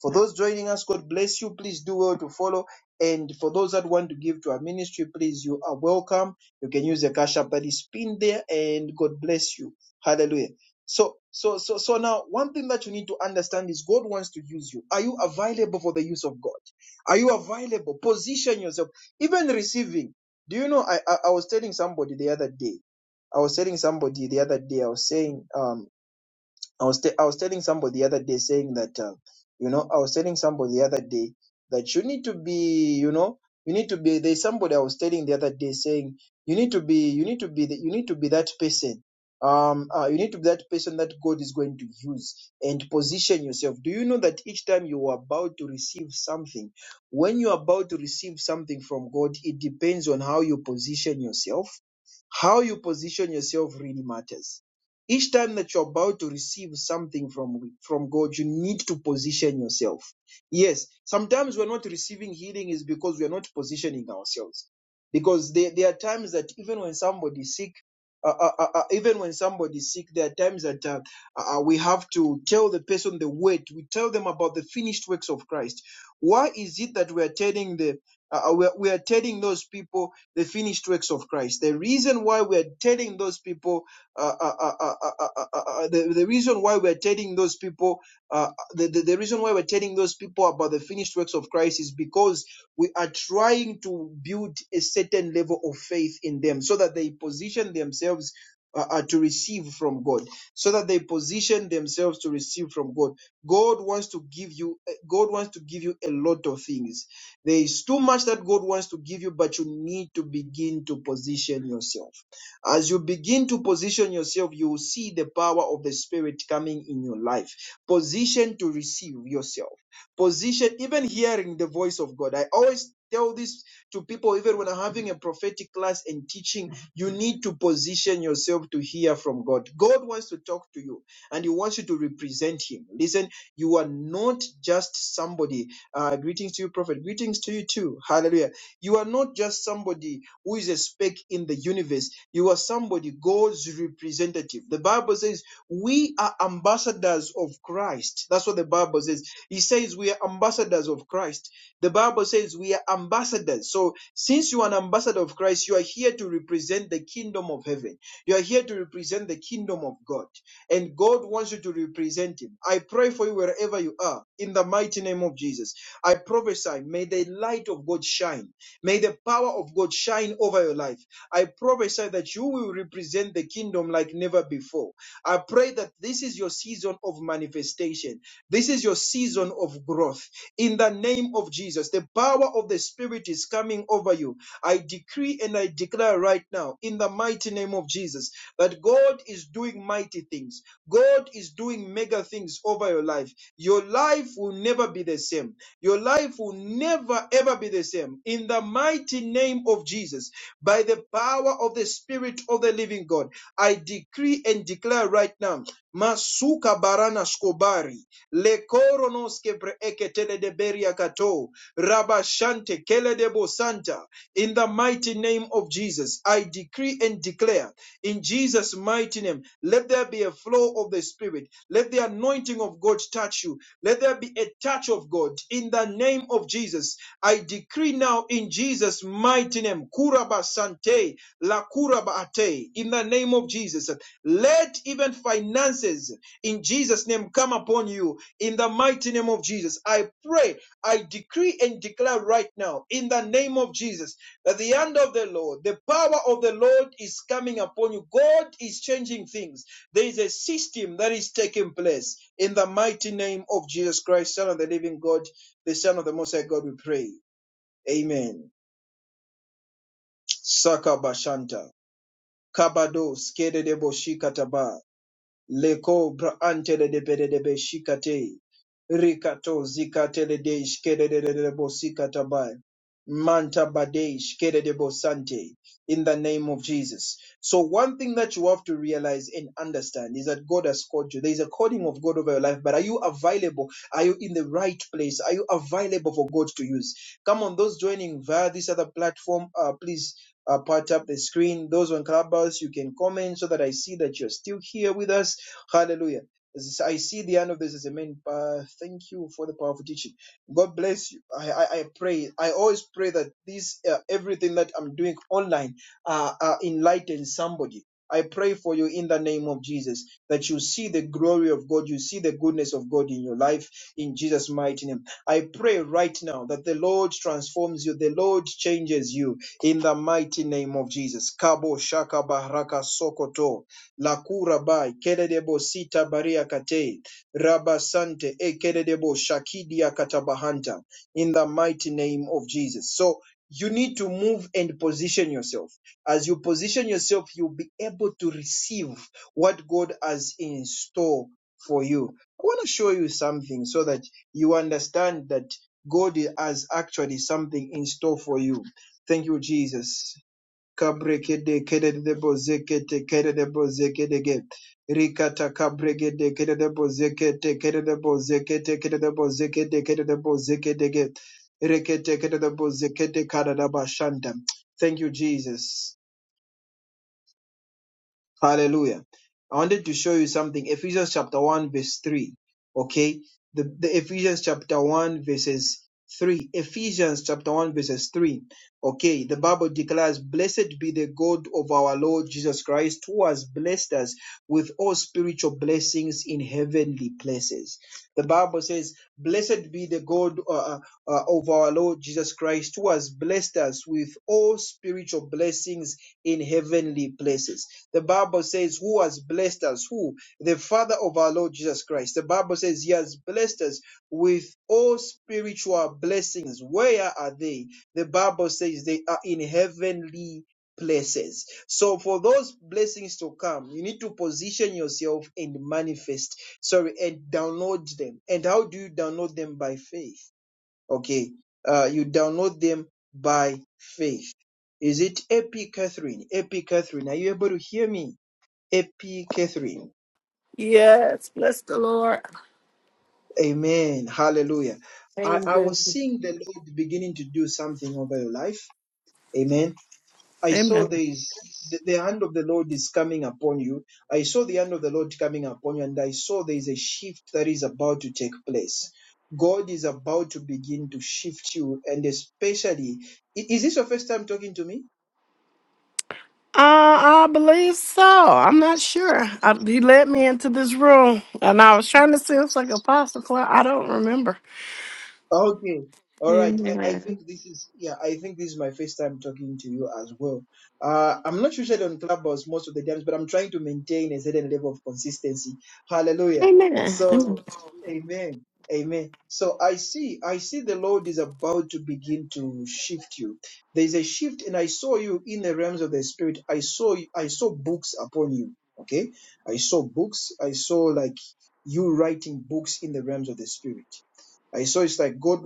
S1: For those joining us, God bless you. Please do well to follow. And for those that want to give to our ministry, please, you are welcome. You can use the cash app that is pinned there, and God bless you. Hallelujah. So, so, so, so now, one thing that you need to understand is God wants to use you. Are you available for the use of God? Are you available? Position yourself. Even receiving. Do you know? I, I, I was telling somebody the other day. I was telling somebody the other day. I was saying, um, I was te- I was telling somebody the other day saying that uh, you know I was telling somebody the other day that you need to be you know you need to be there's somebody I was telling the other day saying you need to be you need to be the, you need to be that person um uh, you need to be that person that God is going to use and position yourself do you know that each time you are about to receive something when you're about to receive something from God it depends on how you position yourself how you position yourself really matters each time that you're about to receive something from from god you need to position yourself yes sometimes we're not receiving healing is because we're not positioning ourselves because there, there are times that even when somebody's sick uh, uh, uh, uh, even when somebody's sick, there are times that uh, uh, uh, we have to tell the person the word. We tell them about the finished works of Christ. Why is it that we are telling the uh, uh, we are we are telling those people the finished works of Christ? The reason why we are telling those people uh, uh, uh, uh, uh, uh, uh, uh, uh, the, the reason why we're telling those people uh, the, the, the reason why we're telling those people about the finished works of christ is because we are trying to build a certain level of faith in them so that they position themselves uh, uh, to receive from god so that they position themselves to receive from god god wants to give you uh, god wants to give you a lot of things there is too much that god wants to give you but you need to begin to position yourself as you begin to position yourself, you will see the power of the Spirit coming in your life. Position to receive yourself. Position, even hearing the voice of God. I always tell this to people, even when I'm having a prophetic class and teaching, you need to position yourself to hear from God. God wants to talk to you and He wants you to represent Him. Listen, you are not just somebody. Uh, greetings to you, Prophet. Greetings to you too. Hallelujah you are not just somebody who is a speck in the universe. You are somebody, God's representative. The Bible says we are ambassadors of Christ. That's what the Bible says. He says we are ambassadors of Christ. The Bible says we are ambassadors. So since you are an ambassador of Christ, you are here to represent the kingdom of heaven. You are here to represent the kingdom of God. And God wants you to represent him. I pray for you wherever you are in the mighty name of Jesus. I prophesy, may the light of God shine. May the power of God shine over your life. I prophesy that you will represent the kingdom like never before. I pray that this is your season of manifestation. This is your season of growth. In the name of Jesus, the power of the Spirit is coming over you. I decree and I declare right now, in the mighty name of Jesus, that God is doing mighty things. God is doing mega things over your life. Your life will never be the same. Your life will never, ever be the same. In the mighty name of Jesus, by the power of the Spirit of the living God, I decree and declare right now. Masuka barana skobari lekoronos kebre eketele de beria kato rabashante kele de bosanta. In the mighty name of Jesus, I decree and declare in Jesus' mighty name, let there be a flow of the Spirit. Let the anointing of God touch you. Let there be a touch of God in the name of Jesus. I decree decree now in Jesus' mighty name, Kuraba Sante, La Kuraba Ate, in the name of Jesus. Let even finances in Jesus' name come upon you in the mighty name of Jesus. I pray, I decree and declare right now in the name of Jesus that the hand of the Lord, the power of the Lord is coming upon you. God is changing things. There is a system that is taking place in the mighty name of Jesus Christ, Son of the living God, the Son of the Most High God, we pray. Amen. Sakabashanta. Kabado skede debo shikataba. Leko braantele de bede de beshikate. Rikato zikatele de shkede de de de bosikataba. Manta bade shkede debo bosante. In the name of Jesus. So one thing that you have to realize and understand is that God has called you. There is a calling of God over your life, but are you available? Are you in the right place? Are you available for God to use? Come on, those joining via this other platform, uh, please uh, part up the screen. Those on Clubhouse, you can comment so that I see that you're still here with us. Hallelujah. This- I see the end of this as a main. Uh, thank you for the powerful teaching. God bless you. I, I, I pray. I always pray that this uh, everything that I'm doing online uh, uh, enlighten somebody. I pray for you in the name of Jesus that you see the glory of God, you see the goodness of God in your life in Jesus' mighty name. I pray right now that the Lord transforms you, the Lord changes you, in the mighty name of Jesus. Kabo shaka baraka sokoto lakura bai kededebo sita baria kate rabasante e kededebo shakidia katabahanta in the mighty name of Jesus. So you need to move and position yourself. As you position yourself, you'll be able to receive what God has in store for you. I want to show you something so that you understand that God has actually something in store for you. Thank you, Jesus. Kabrekede kede de bozeke kede de bozeke de Rikata kabrege kede de bozeke kede de bozeke kede de bozeke kede de bozeke de Rekete kede de bozeke kada da bashanda. Thank you, Jesus. Hallelujah. I wanted to show you something. Ephesians chapter 1, verse 3. Okay. The, the Ephesians chapter 1, verses 3. Ephesians chapter 1, verses 3. Okay. The Bible declares, Blessed be the God of our Lord Jesus Christ, who has blessed us with all spiritual blessings in heavenly places. The Bible says, Blessed be the God uh, uh, uh, of our Lord Jesus Christ, who has blessed us with all spiritual blessings in heavenly places. The Bible says, Who has blessed us? Who? The Father of our Lord Jesus Christ. The Bible says, He has blessed us with all spiritual blessings. Where are they? The Bible says they are in heavenly places. So for those blessings to come, you need to position yourself and manifest, sorry, and download them. And how do you download them? By faith. Okay. Uh, you download them by faith. Is it Epi Catherine? Epi Catherine, are you able to hear me? Epi Catherine.
S4: Yes, bless the Lord.
S1: Amen. Hallelujah. I, I
S4: Amen.
S1: was seeing the Lord beginning to do something over your life. Amen I saw there
S4: Amen.
S1: is the, the hand of the Lord is coming upon you. I saw the hand of the Lord coming upon you, and I saw there is a shift that is about to take place. God is about to begin to shift you, and especially, i- is this your first time talking to me?
S4: Uh, I believe so. I'm not sure. I, he led me into this room, and I was trying to see if it's like Apostle Cloud. I don't remember.
S1: Okay. All right. I, I
S4: Amen.
S1: think this is yeah, I think this is my first time talking to you as well. Uh I'm not usually on Clubhouse most of the times, but I'm trying to maintain a certain level of consistency. Hallelujah.
S4: Amen. Amen.
S1: So amen. Amen. So I see I see the Lord is about to begin to shift you. There's a shift and I saw you in the realms of the spirit. I saw I saw books upon you. Okay? I saw books. I saw like you writing books in the realms of the spirit I saw it's like God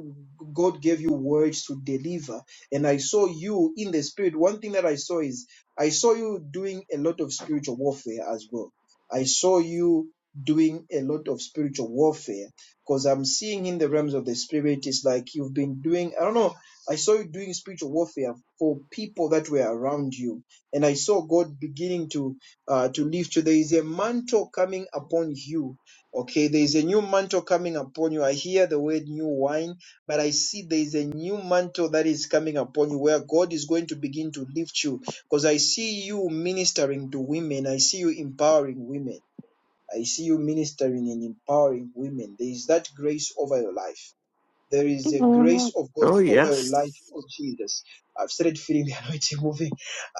S1: God gave you words to deliver. And I saw you in the spirit. One thing that I saw is I saw you doing a lot of spiritual warfare as well. I saw you doing a lot of spiritual warfare because I'm seeing in the realms of the spirit it's like you've been doing I don't know I saw you doing spiritual warfare for people that were around you and I saw God beginning to uh, to lift you there is a mantle coming upon you Okay, there is a new mantle coming upon you. I hear the word new wine, but I see there is a new mantle that is coming upon you where God is going to begin to lift you because I see you ministering to women. I see you empowering women. I see you ministering and empowering women. There is that grace over your life. There is a grace
S4: Amen.
S1: of God
S4: Oh
S1: over your life
S4: yes.
S1: of Jesus. I've started feeling the anointing moving.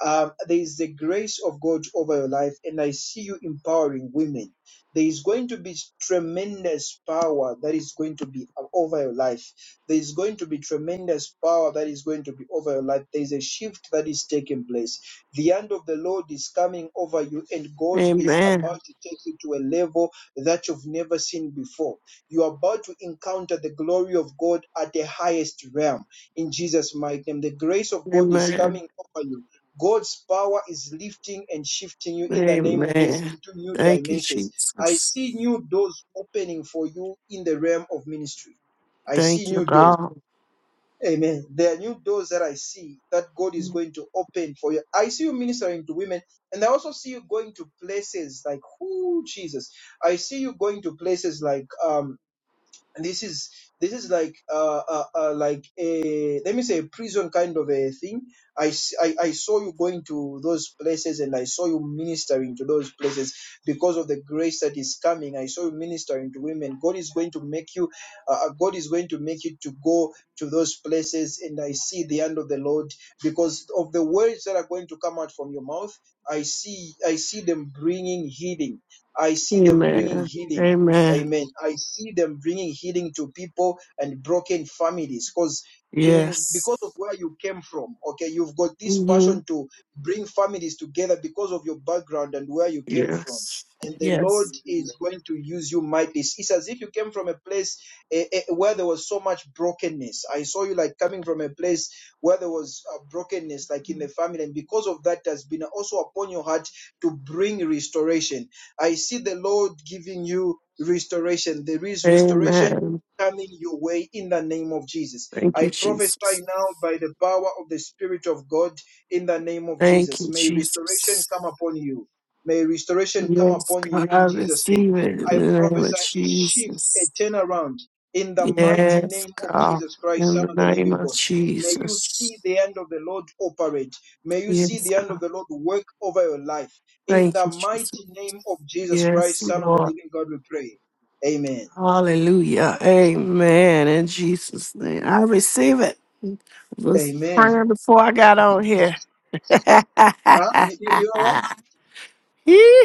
S1: Um, there is the grace of God over your life, and I see you empowering women. There is going to be tremendous power that is going to be uh, over your life. There is going to be tremendous power that is going to be over your life. There is a shift that is taking place. The hand of the Lord is coming over you, and God is
S4: Amen.
S1: about to take you to a level that you've never seen before you are about to encounter the glory of God at the highest realm in Jesus' mighty name. The grace of God is
S4: Amen.
S1: coming over you. God's power is lifting and shifting you in the name of Jesus
S4: Amen.
S1: into new
S4: Thank you,
S1: dimensions. I
S4: Jesus.
S1: see new doors opening for you in the realm of ministry. I see
S4: Thank you,
S1: new doors.
S4: God.
S1: Amen. There are new doors that I see that God is going to open for you. I see you ministering to women, and I also see you going to places like, oh, Jesus. I see you going to places like, um, and this is this is like uh, uh, uh like a let me say a prison kind of a thing. I, s- I I saw you going to those places and I saw you ministering to those places because of the grace that is coming. I saw you ministering to women. God is going to make you. Uh, uh, God is going to make you to go to those places, and I see the hand of the Lord because of the words that are going to come out from your mouth. I see I see them bringing healing. I see them bringing
S4: Amen.
S1: healing.
S4: Amen.
S1: Amen. I see them bringing healing to people and broken families because you, you because
S4: Yes.
S1: of where you came from. Okay, you've got this
S4: hmm
S1: passion to bring families together because of your background and where you came from.
S4: Yes.
S1: And the Lord
S4: Yes.
S1: is going to use you mightily. It's as if you came from a place eh, eh, where there was so much brokenness. I saw you like coming from a place where there was uh, brokenness, like in the family, and because of that, has been also upon your heart to bring restoration I see the Lord giving you restoration. There is restoration
S4: Amen.
S1: coming your way in the name of Jesus.
S4: Thank
S1: I
S4: you,
S1: prophesy
S4: Jesus.
S1: now by the power of the Spirit of God in the name of
S4: Thank
S1: Jesus.
S4: you,
S1: May restoration
S4: Jesus.
S1: come upon you. May restoration come
S4: Yes,
S1: upon you
S4: God,
S1: in
S4: I
S1: Jesus' name.
S4: receive it in
S1: I
S4: the name of
S1: prophesy a shift, a
S4: Jesus.
S1: turnaround in the mighty
S4: Yes,
S1: name of
S4: God,
S1: Jesus Christ,
S4: in
S1: Son
S4: the
S1: of the
S4: name
S1: living
S4: of
S1: God. May you see
S4: Jesus.
S1: the hand of the Lord operate. May you see the
S4: Yes, God.
S1: hand of the Lord work over your life. In
S4: thank
S1: the
S4: you, Jesus.
S1: mighty name of Jesus
S4: Yes,
S1: Christ, Son of the
S4: Lord.
S1: living God, we pray. Amen.
S4: Hallelujah. Amen. In Jesus' name, I receive it. Was
S1: Amen.
S4: praying before I got on here.
S1: Huh? You, you, you know what?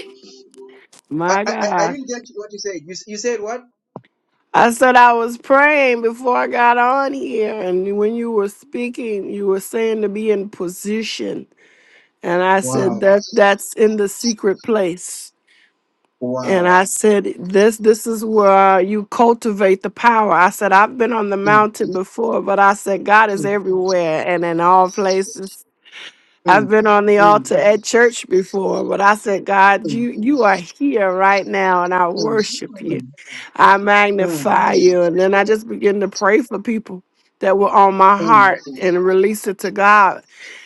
S1: I,
S4: My
S1: I, I
S4: God.
S1: didn't get what you said. You, you said what?
S4: I said I was praying before I got on here, and when you were speaking, you were saying to be in position, and I said
S1: Wow.
S4: that that's in the secret place. And
S1: Wow.
S4: I said this this is where you cultivate the power. I said I've been on the
S1: Mm,
S4: mountain before, but I said God is
S1: mm,
S4: everywhere and in all places. I've
S1: mm,
S4: been on the
S1: mm,
S4: altar at church before, but I said God,
S1: mm,
S4: you you are here right now, and I
S1: mm,
S4: worship you.
S1: mm,
S4: I magnify you. And then I just begin to pray for people that were on my
S1: mm, mm, mm,
S4: heart and release it to God.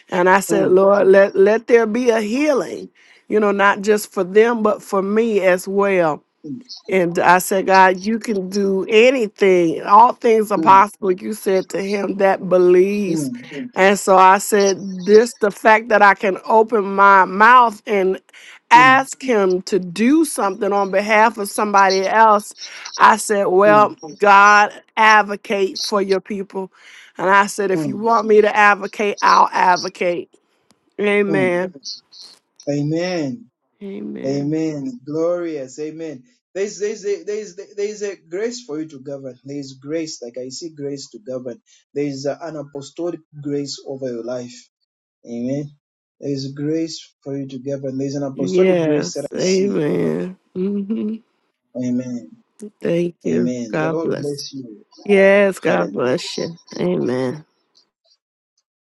S4: And I said,
S1: mm,
S4: Lord, let, let there be a healing, you know, not just for them, but for me as well. And I said, God, you can do anything. All things are
S1: mm,
S4: possible. You said to him that believes. Mm. And so I said, this the fact that I can open my mouth and
S1: mm,
S4: ask him to do something on behalf of somebody else. I said,
S1: mm,
S4: well, God, advocate for your people. And I said, if
S1: mm,
S4: you want me to advocate, I'll advocate.
S1: mm.
S4: Amen.
S1: Amen.
S4: Amen.
S1: Amen. Glorious. Amen. There's, there's, a, there's, there's a grace for you to govern. There is grace, like I see grace to govern. There is a- an apostolic grace over your life. Amen. There is grace for you to govern. There is an apostolic grace that
S4: Yes.
S1: I see over.
S4: Amen. Mm-hmm.
S1: you. Amen.
S4: Thank you.
S1: Amen. The
S4: God
S1: Lord
S4: bless.
S1: bless you.
S4: Yes, God
S1: Hallelujah.
S4: bless you. Amen.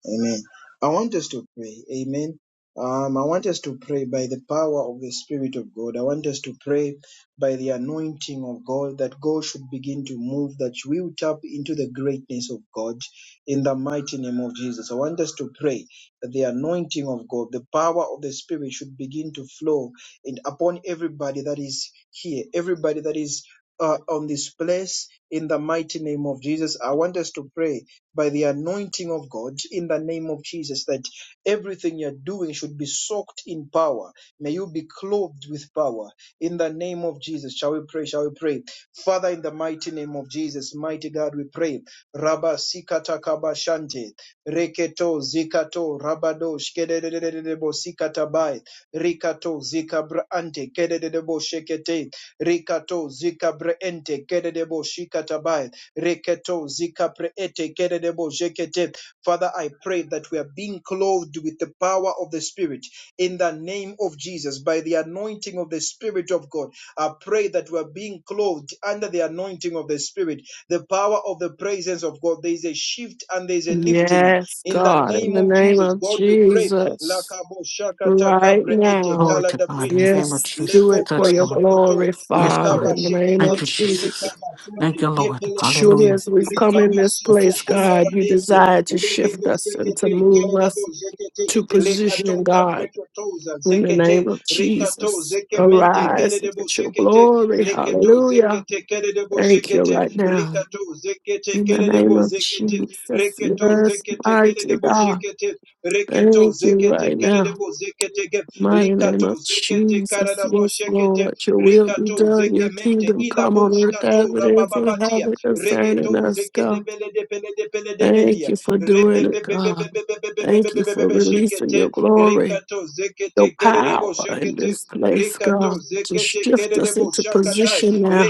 S1: Amen. I want us to pray. Amen. Um, I want us to pray by the power of the Spirit of God. I want us to pray by the anointing of God that God should begin to move, that we will tap into the greatness of God in the mighty name of Jesus. I want us to pray that the anointing of God, the power of the Spirit should begin to flow in, upon everybody that is here, everybody that is uh, on this place in the mighty name of Jesus. I want us to pray by the anointing of God in the name of Jesus that everything you're doing should be soaked in power. May you be clothed with power in the name of Jesus. Shall we pray? Shall we pray? Father, in the mighty name of Jesus, mighty God, we pray. Rabba sikata kabashante, reketo zikato rabado shkededededebo sikatabai, rikato zikabra ante, kedededebo shekete. Rikato zika breente kededebo shikatabai. Reketo zika preete kededebo jekete. Father, I pray that we are being clothed with the power of the Spirit in the name of Jesus by the anointing of the Spirit of God. I pray that we are being clothed under the anointing of the Spirit, the power of the presence of God. There is a shift and there is a lifting.
S4: Yes,
S1: In the
S4: God, in
S1: name
S4: the
S1: of
S4: name
S1: Jesus,
S4: of
S1: God, we pray.
S4: Jesus,
S1: Lakabo shakata
S4: right
S1: kabre ete
S4: now.
S5: Glory
S1: kala
S5: to
S1: da
S5: God in the name of
S4: Yes, do
S5: Jesus.
S4: it for
S1: Lekopra
S5: Touch,
S4: your
S5: Lord.
S1: sokoto.
S4: glory,
S5: Yes,
S4: Father,
S1: Likaba
S5: God.
S4: in the name
S1: shekete.
S5: Thank
S4: of
S5: you,
S4: Jesus.
S5: Jesus.
S1: Likaba
S5: Thank
S1: sante.
S5: you, Lord.
S1: Kepele shuke.
S4: Surely,
S5: Hallelujah.
S4: as we've come in
S1: Likaba
S4: this
S5: Thank you,
S1: soto
S4: place,
S5: Jesus.
S4: God, you
S1: koparadekia.
S4: desire to shift
S1: legedo
S4: us and
S1: sekete
S4: to
S1: Zekete,
S4: move
S1: Karadabo,
S4: us
S1: Zekete,
S4: to position,
S1: Lekatoka,
S4: God,
S1: Breketoza,
S4: in the
S1: Zekete,
S4: name of
S1: Rikato,
S4: Jesus.
S1: Zekemente,
S4: Arise and
S1: Keredebo,
S4: get your
S1: Shekete,
S4: glory.
S1: Reketo,
S4: Hallelujah.
S1: Zekete, Keredebo,
S4: Thank you
S1: Shekete,
S4: right now.
S1: Rikato, Zekete,
S4: In the name
S1: Keredebo,
S4: of
S1: Zekete,
S4: Jesus.
S1: Reketo,
S4: Yes,
S1: Zekete,
S4: mighty
S1: Keredebo,
S4: God.
S1: Shekete, Reketo,
S4: Thank you
S1: Zekete,
S4: right now.
S1: Keredebo, Zekete,
S4: Mighty name
S1: Likato,
S4: of
S1: Zekete,
S4: Jesus.
S1: Karadabo,
S4: Yes,
S1: Shekete,
S4: Lord. Your will be
S1: Rikato,
S4: done. Your
S1: Zekemente,
S4: kingdom come
S1: Ilabo,
S4: on earth as
S1: Shkato,
S4: it is in
S1: Rabababatia,
S4: heaven
S1: Regeto,
S4: concerning us, God.
S1: Zekelebele, de Pele, de Pele, de Bedia,
S4: Thank you for doing it, God. Thank you for releasing your glory, your power in this place, God, to shift us into position now.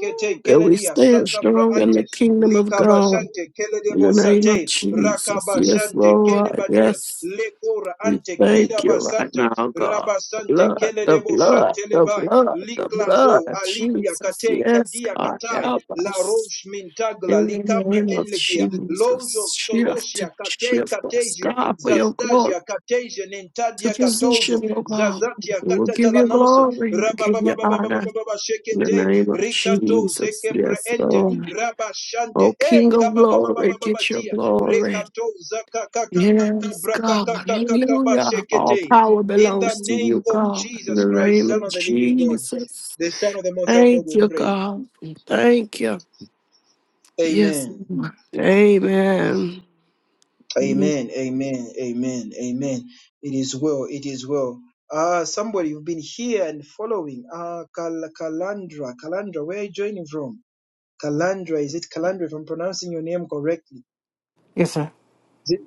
S4: Ooh, That we stand strong in the kingdom of God In the name of Jesus. Yes, Lord. Yes. We thank you right
S1: Santa,
S4: now, God. The
S1: Rabasante,
S4: blood, the
S1: Kelebo
S4: blood, the
S1: Shantelebai,
S4: blood, the blood
S1: Liklazo,
S4: of
S1: Alikia,
S4: Jesus.
S1: Kate,
S4: Yes,
S1: Kadia,
S4: God,
S1: Katai,
S4: help
S1: La
S4: us.
S1: Roche Mintagla,
S4: In the
S1: Licabre
S4: name of
S1: Enlekia, Lojo
S4: Jesus, shift,
S1: Stolosia, Katei
S4: shift us,
S1: Katesio,
S4: God, for your glory.
S1: Zastasia, Katesia,
S4: To
S1: Nintadia Katozo,
S4: position, oh God.
S1: Zazatia,
S4: We will give you
S1: Katatalanoso,
S4: glory. We will give you honor.
S1: Rabababababababa
S4: In the
S1: Shekete,
S4: name of
S1: Rikato,
S4: Jesus.
S1: Zeke
S4: Yes,
S1: Preente,
S4: Lord.
S1: Rabashante,
S4: Oh, King
S1: Ei,
S4: of glory, get your
S1: Kabababababatia,
S4: glory.
S1: Rekato, Zaka, Kaka, Kaka,
S4: Yes,
S1: Braka,
S4: God.
S1: Kaka, Kaka,
S4: Hallelujah. All
S1: Bashekete,
S4: power
S1: in the
S4: belongs to
S1: name
S4: you,
S1: of
S4: God. In the
S1: Jesus Christ,
S4: name
S1: Son
S4: of
S1: of the living God,
S4: Jesus.
S1: the Son of the Most High God,
S4: Thank
S1: we
S4: you,
S1: pray.
S4: God. Thank you. Yes,
S1: Amen.
S4: Lord. Amen.
S1: Amen. Amen. Amen. Amen. It is well. It is well. Ah, somebody you've been here and following. Ah, Kal- Kalandra. Kalandra, where are you joining from? Kalandra, is it Kalandra? If I'm pronouncing your name correctly.
S5: Yes, sir.
S1: Is it?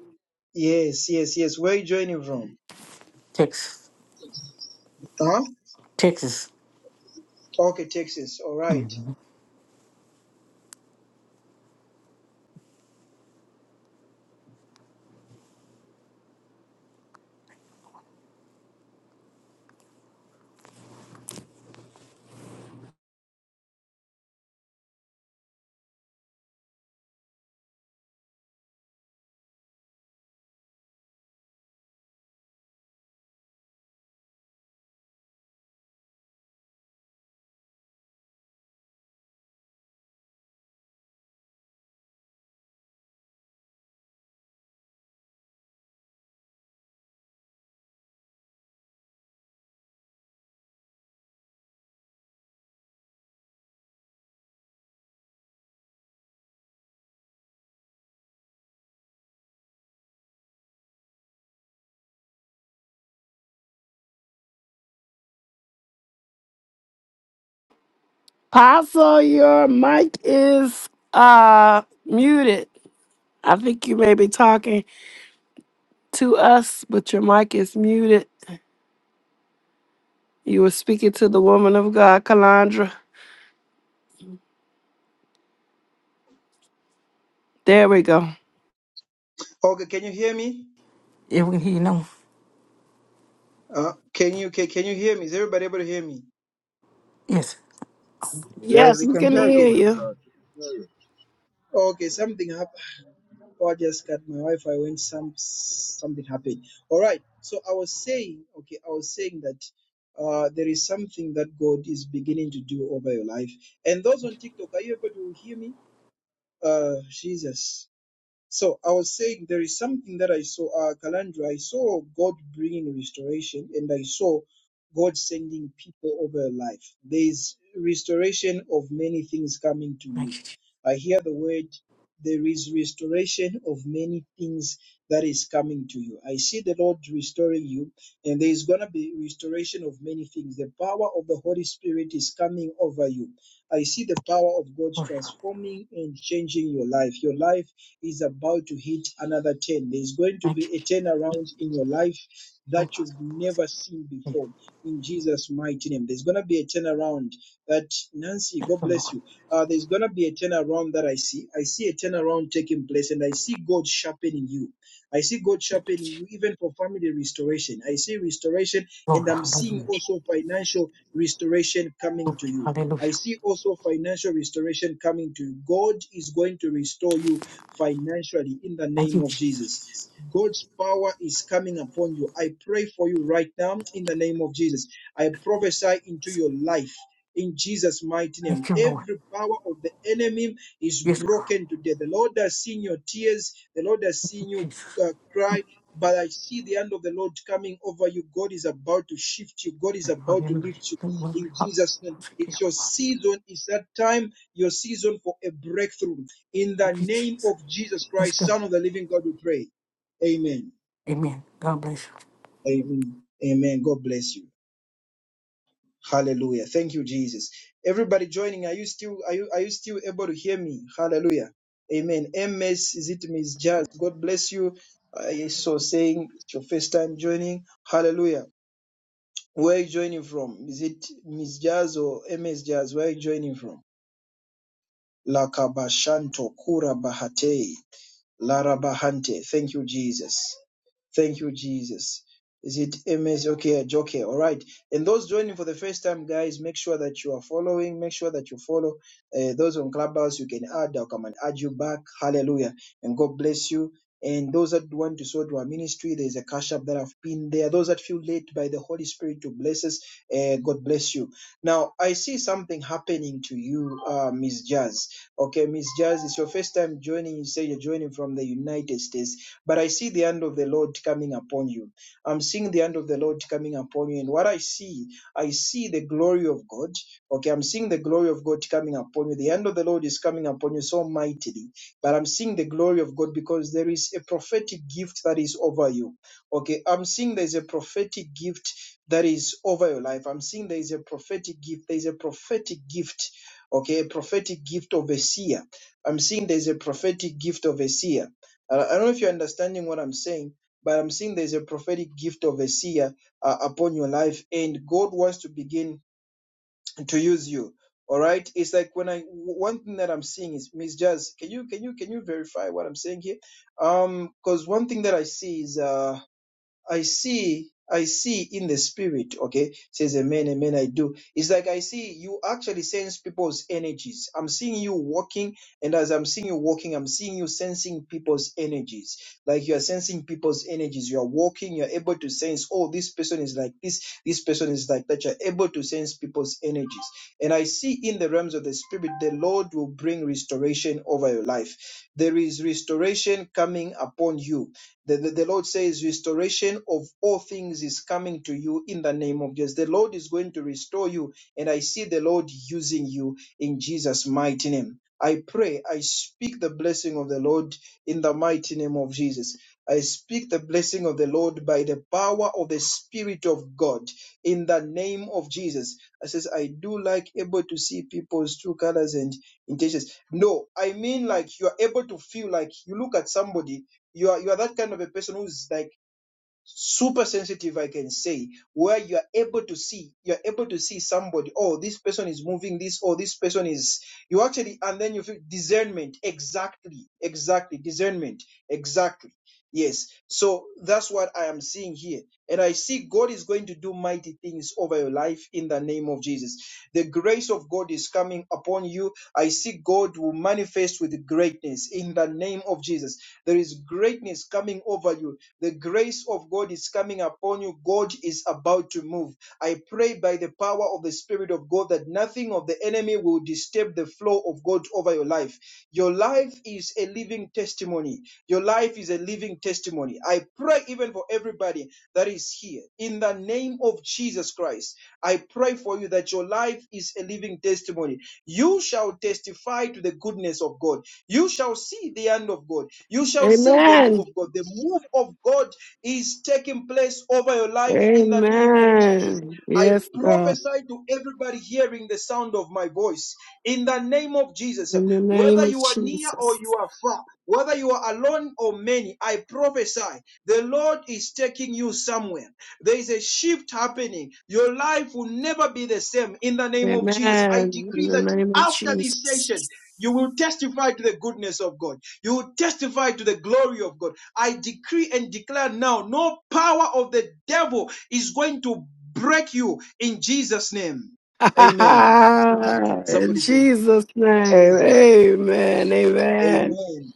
S1: Yes, yes, yes. Where are you joining from?
S5: Texas.
S1: Huh?
S5: Texas.
S1: Okay, Texas. All right.
S4: Apostle, your mic is uh muted. I think you may be talking to us, but your mic is muted. You were speaking to the woman of God, Kalandra. There we go.
S1: Okay, can you hear me?
S5: Yeah, we hear you know.
S1: Uh, can you can, can you hear me? Is everybody able to hear me?
S5: Yes.
S6: Yeah,
S4: Yes,
S6: we
S4: we
S6: can
S4: can
S6: hear you,
S4: hear
S1: Okay.
S4: you.
S6: man. We can hear
S1: Okay, something happened. Oh, I just got my Wi-Fi when some something happened. All right. So I was saying, okay, I was saying that uh, there is something that God is beginning to do over your life. And those on TikTok, are you able to hear me? Uh, Jesus. So I was saying there is something that I saw, uh, Kalandra. I saw God bringing restoration, and I saw God sending people over your life. There is restoration of many things coming to
S5: Thank
S1: you.
S5: you, Jesus.
S1: I hear the word. There is restoration of many things that is coming to you. I see the Lord restoring you, and there is going to be restoration of many things. The power of the Holy Spirit is coming over you. I see the power of God
S5: Glory.
S1: transforming and changing your life. Your life is about to hit another 10. There's going to
S5: Thank
S1: be
S5: you,
S1: a
S5: Jesus.
S1: turnaround in your life
S5: Glory.
S1: that you've never seen before in Jesus' mighty name. There's going to be a turnaround that, Nancy,
S5: Thank
S1: God
S5: you,
S1: bless
S5: Lord.
S1: you. Uh, there's going to be a turnaround that I see. I see a turnaround taking place and I see God sharpening you. I see God sharpening you even for family restoration. I see restoration and
S5: Glory.
S1: I'm seeing
S5: Hallelujah.
S1: also financial restoration coming
S5: Glory.
S1: to you. I
S5: Hallelujah.
S1: see also financial restoration coming to you. God is going to restore you financially in the
S5: Thank
S1: name
S5: you,
S1: of
S5: Jesus.
S1: Jesus. God's power is coming upon you. I pray for you right now in the name of Jesus. I prophesy into your life in Jesus' mighty name.
S5: Thank you, Lord.
S1: Every power of the enemy is
S5: Yes, God.
S1: broken today. The Lord has seen your tears, the Lord has seen
S5: Thank you,
S1: you
S5: Jesus.
S1: uh, cry. But I see the hand of the Lord coming over you. God is about to shift you. God is about to
S5: Hallelujah.
S1: lift you
S5: Glory.
S1: in Jesus' name. It's
S5: Hallelujah.
S1: your season. It's that time, your season for a breakthrough. In the
S5: Thank you,
S1: name
S5: Jesus.
S1: of Jesus
S5: Let's
S1: Christ,
S5: go.
S1: Son of the living God, we pray. Amen.
S5: Amen. God bless you.
S1: Amen. Amen. God bless you. Hallelujah. Thank you, Jesus. Everybody joining, are you still are you are you still able to hear me? Hallelujah. Amen. MS is it Miss Jazz? God bless you. I saw saying it's your first time joining. Hallelujah. Where are you joining from? Is it Miss Jazz or MS Jazz? Where are you joining from? Lakabashanto Kura Bahate. Larabahante. Thank you, Jesus. Thank you, Jesus. Is it MS? Okay, Joke? All right. And those joining for the first time, guys, make sure that you are following. Make sure that you follow. Uh, those on Clubhouse, you can add. I'll come and add you back. Hallelujah. And God bless you. And those that want to sow to our ministry, there's a cash app that I've been there. Those that feel led by the Holy Spirit to bless us, uh, God bless you. Now, I see something happening to you, uh, Miss Jazz. Okay, Miss Jazz, it's your first time joining. You say you're joining from the United States, but I see the hand of the Lord coming upon you. I'm seeing the hand of the Lord coming upon you. And what I see, I see the glory of God. Okay, I'm seeing the glory of God coming upon you. The hand of the Lord is coming upon you so mightily. But I'm seeing the glory of God because there is a prophetic gift that is over you. Okay, I'm seeing there's a prophetic gift that is over your life. I'm seeing there is a prophetic gift. There is a prophetic gift okay prophetic gift of a seer i'm seeing there's a prophetic gift of a seer Uh, i don't know if you're understanding what i'm saying but i'm seeing there's a prophetic gift of a seer uh, upon your life and god wants to begin to use you all right it's like when i one thing that i'm seeing is miss jazz can you can you can you verify what i'm saying here um because one thing that i see is uh I see, I see in the spirit, okay, says amen, amen, I do. It's like I see you actually sense people's energies. I'm seeing you walking, and as I'm seeing you walking, I'm seeing you sensing people's energies. Like you are sensing people's energies. You are walking, you're able to sense, oh, this person is like this, this person is like that. You're able to sense people's energies. And I see in the realms of the spirit, the Lord will bring restoration over your life. There is restoration coming upon you the, the, the Lord says, Restoration of all things is coming to you in the name of Jesus. The Lord is going to restore you, and I see the Lord using you in Jesus' mighty name. I pray, I speak the blessing of the Lord in the mighty name of Jesus. I speak the blessing of the Lord by the power of the Spirit of God in the name of Jesus. I says, I do like able to see people's true colors and intentions. No, I mean like you are able to feel like you look at somebody you are you are that kind of a person who's like super sensitive i can say where you are able to see you're able to see somebody oh this person is moving this or this person is you actually and then you feel discernment exactly exactly discernment exactly yes so that's what i am seeing here and I see God is going to do mighty things over your life in the name of Jesus. The grace of God is coming upon you. I see God will manifest with greatness in the name of Jesus. There is greatness coming over you. The grace of God is coming upon you. God is about to move. I pray by the power of the Spirit of God that nothing working of the enemy will disturb the flow of God over your life. Your life is a living testimony. Your life is a living testimony. I pray even for everybody that is here. In the name of Jesus Christ, I pray for you that your life is a living testimony. You shall testify to the goodness of God. You shall see the hand of God. You shall see the move
S4: Amen.
S1: of God. The move of God is taking place over your life in the name of Jesus.
S4: Amen.
S1: I
S4: Yes, God.
S1: prophesy to everybody hearing the sound of my voice in the name of Jesus.
S4: In the name
S1: Whether
S4: of
S1: you are near or you
S4: Jesus.
S1: are far, whether you are alone or many, I prophesy the Lord is taking you somewhere. There is a shift happening. Your life will never be the same in the name of Jesus. I
S4: Amen. In
S1: decree
S4: the
S1: that
S4: name of
S1: after this session,
S4: Jesus.
S1: you will testify to the goodness of God. You will testify to the glory of God. I decree and declare now no power of the devil is going to break you in Jesus' name. Amen.
S4: In
S1: Somebody say,
S4: Jesus' name.
S1: Jesus.
S4: Amen. Amen.
S1: Amen.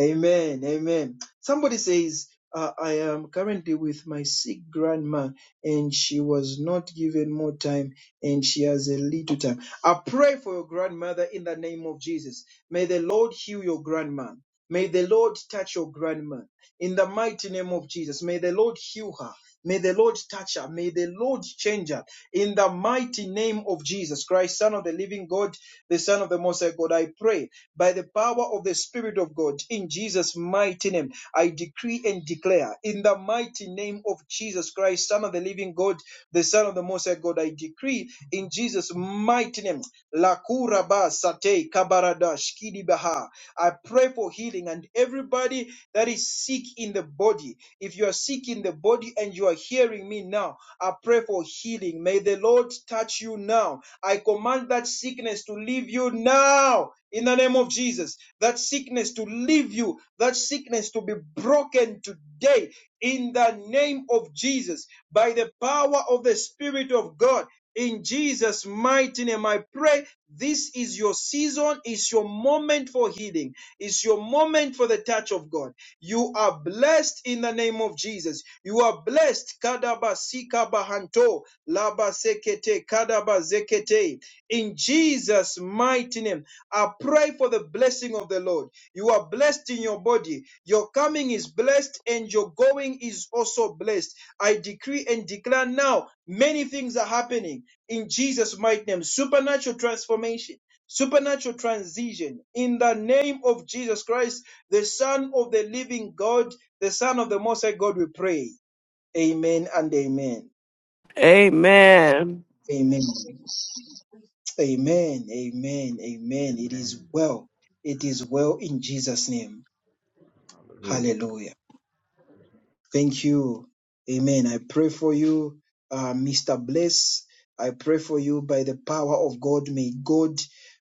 S1: Amen. Amen. Somebody says, uh, I am currently with my sick grandma and she was not given more time and she has a little time. I pray for your grandmother in the name of Jesus. May the Lord heal your grandma. May the Lord touch your grandma in the mighty name of Jesus. May the Lord heal her. May the Lord touch her. May the Lord change her. In the mighty name of Jesus Christ, Son of the living God, the Son of the Most High God, I pray by the power of the Spirit of God, in Jesus' mighty name, I decree and declare, in the mighty name of Jesus Christ, Son of the living God, the Son of the Most High God, I decree in Jesus' mighty name, Lakura ba sate kabaradash kidibaha. I pray for healing and everybody that is sick in the body. If you are sick in the body and you are hearing me now, pray for healing. May the Lord touch you now. I command that sickness to leave you now in the name of Jesus. That sickness to leave you, that sickness to be broken today in the name of Jesus by the power of the Spirit of God. In Jesus' mighty name, I pray this is your season, it's your moment for healing, it's your moment for the touch of God. You are blessed in the name of Jesus. You are blessed. Kadaba sikaba hanto, laba sekete, kadaba In Jesus' mighty name, I pray for the blessing of the Lord. You are blessed in your body. Your coming is blessed and your going is also blessed. I decree and declare now many things are happening in Jesus' mighty name. Supernatural transformation, supernatural transition in the name of Jesus Christ, the Son of the living God, the Son of the Most High God, we pray. Amen and amen.
S4: Amen.
S1: Amen. Amen. Amen. Amen. It is well. It is well in Jesus' name.
S6: you.
S1: Hallelujah. Thank you. Amen. I pray for you, uh, Mr. Bless. I pray for you by the power of God. May God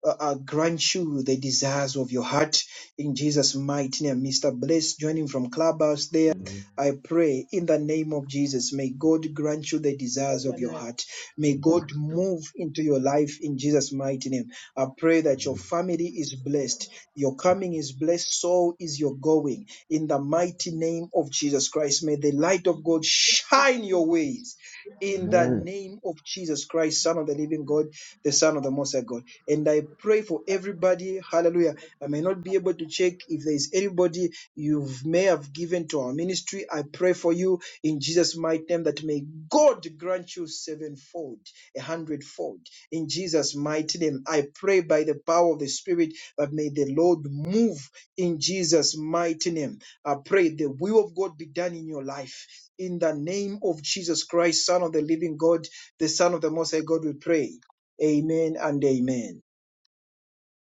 S1: uh, uh, grant you the desires of your heart in Jesus' mighty name. Mr. Bless, joining from Clubhouse there. I pray in the name of Jesus, may God grant you the desires of your heart. May God move into your life in Jesus' mighty name. I pray that your family is blessed. Your coming is blessed. So is your going. In the mighty name of Jesus Christ, may the light of God shine your ways in the
S6: Mm.
S1: name of Jesus Christ, Son of the living God, the Son of the Most High God. And I pray for everybody, hallelujah. I may not be able to check if there is anybody you may have given to our ministry. I pray for you in Jesus' mighty name that may God grant you sevenfold, a hundredfold. In Jesus' mighty name, I pray by the power of the Spirit that may the Lord move in Jesus' mighty name. I pray the will of God be done in your life in the name of Jesus Christ, Son of the living God, the Son of the Most High God, we pray. Amen and amen.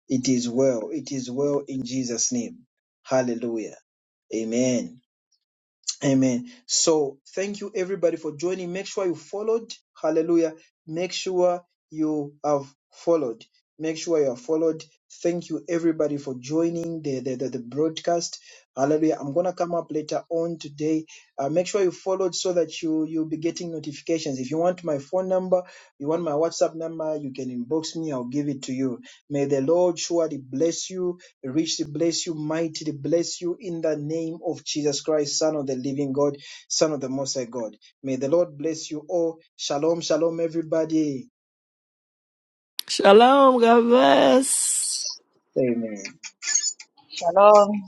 S1: It is well. It is well in Jesus' name. Hallelujah. Amen. Amen. So thank you everybody for joining. Make sure you followed. Hallelujah. Make sure you have followed. Make sure you have followed. Thank you everybody for joining the, the, the, the broadcast. Hallelujah. I'm gonna come up later on today. Uh, make sure you followed so that you you'll be getting notifications. If you want my phone number, you want my WhatsApp number, you can inbox me, I'll give it to you. May the Lord surely bless you richly bless you, mightily bless you in the name of Jesus Christ, Son of the living God, Son of the Most High God. May the Lord bless you all. Shalom, shalom, everybody.
S4: Shalom. God bless.
S1: Amen.
S2: Shalom.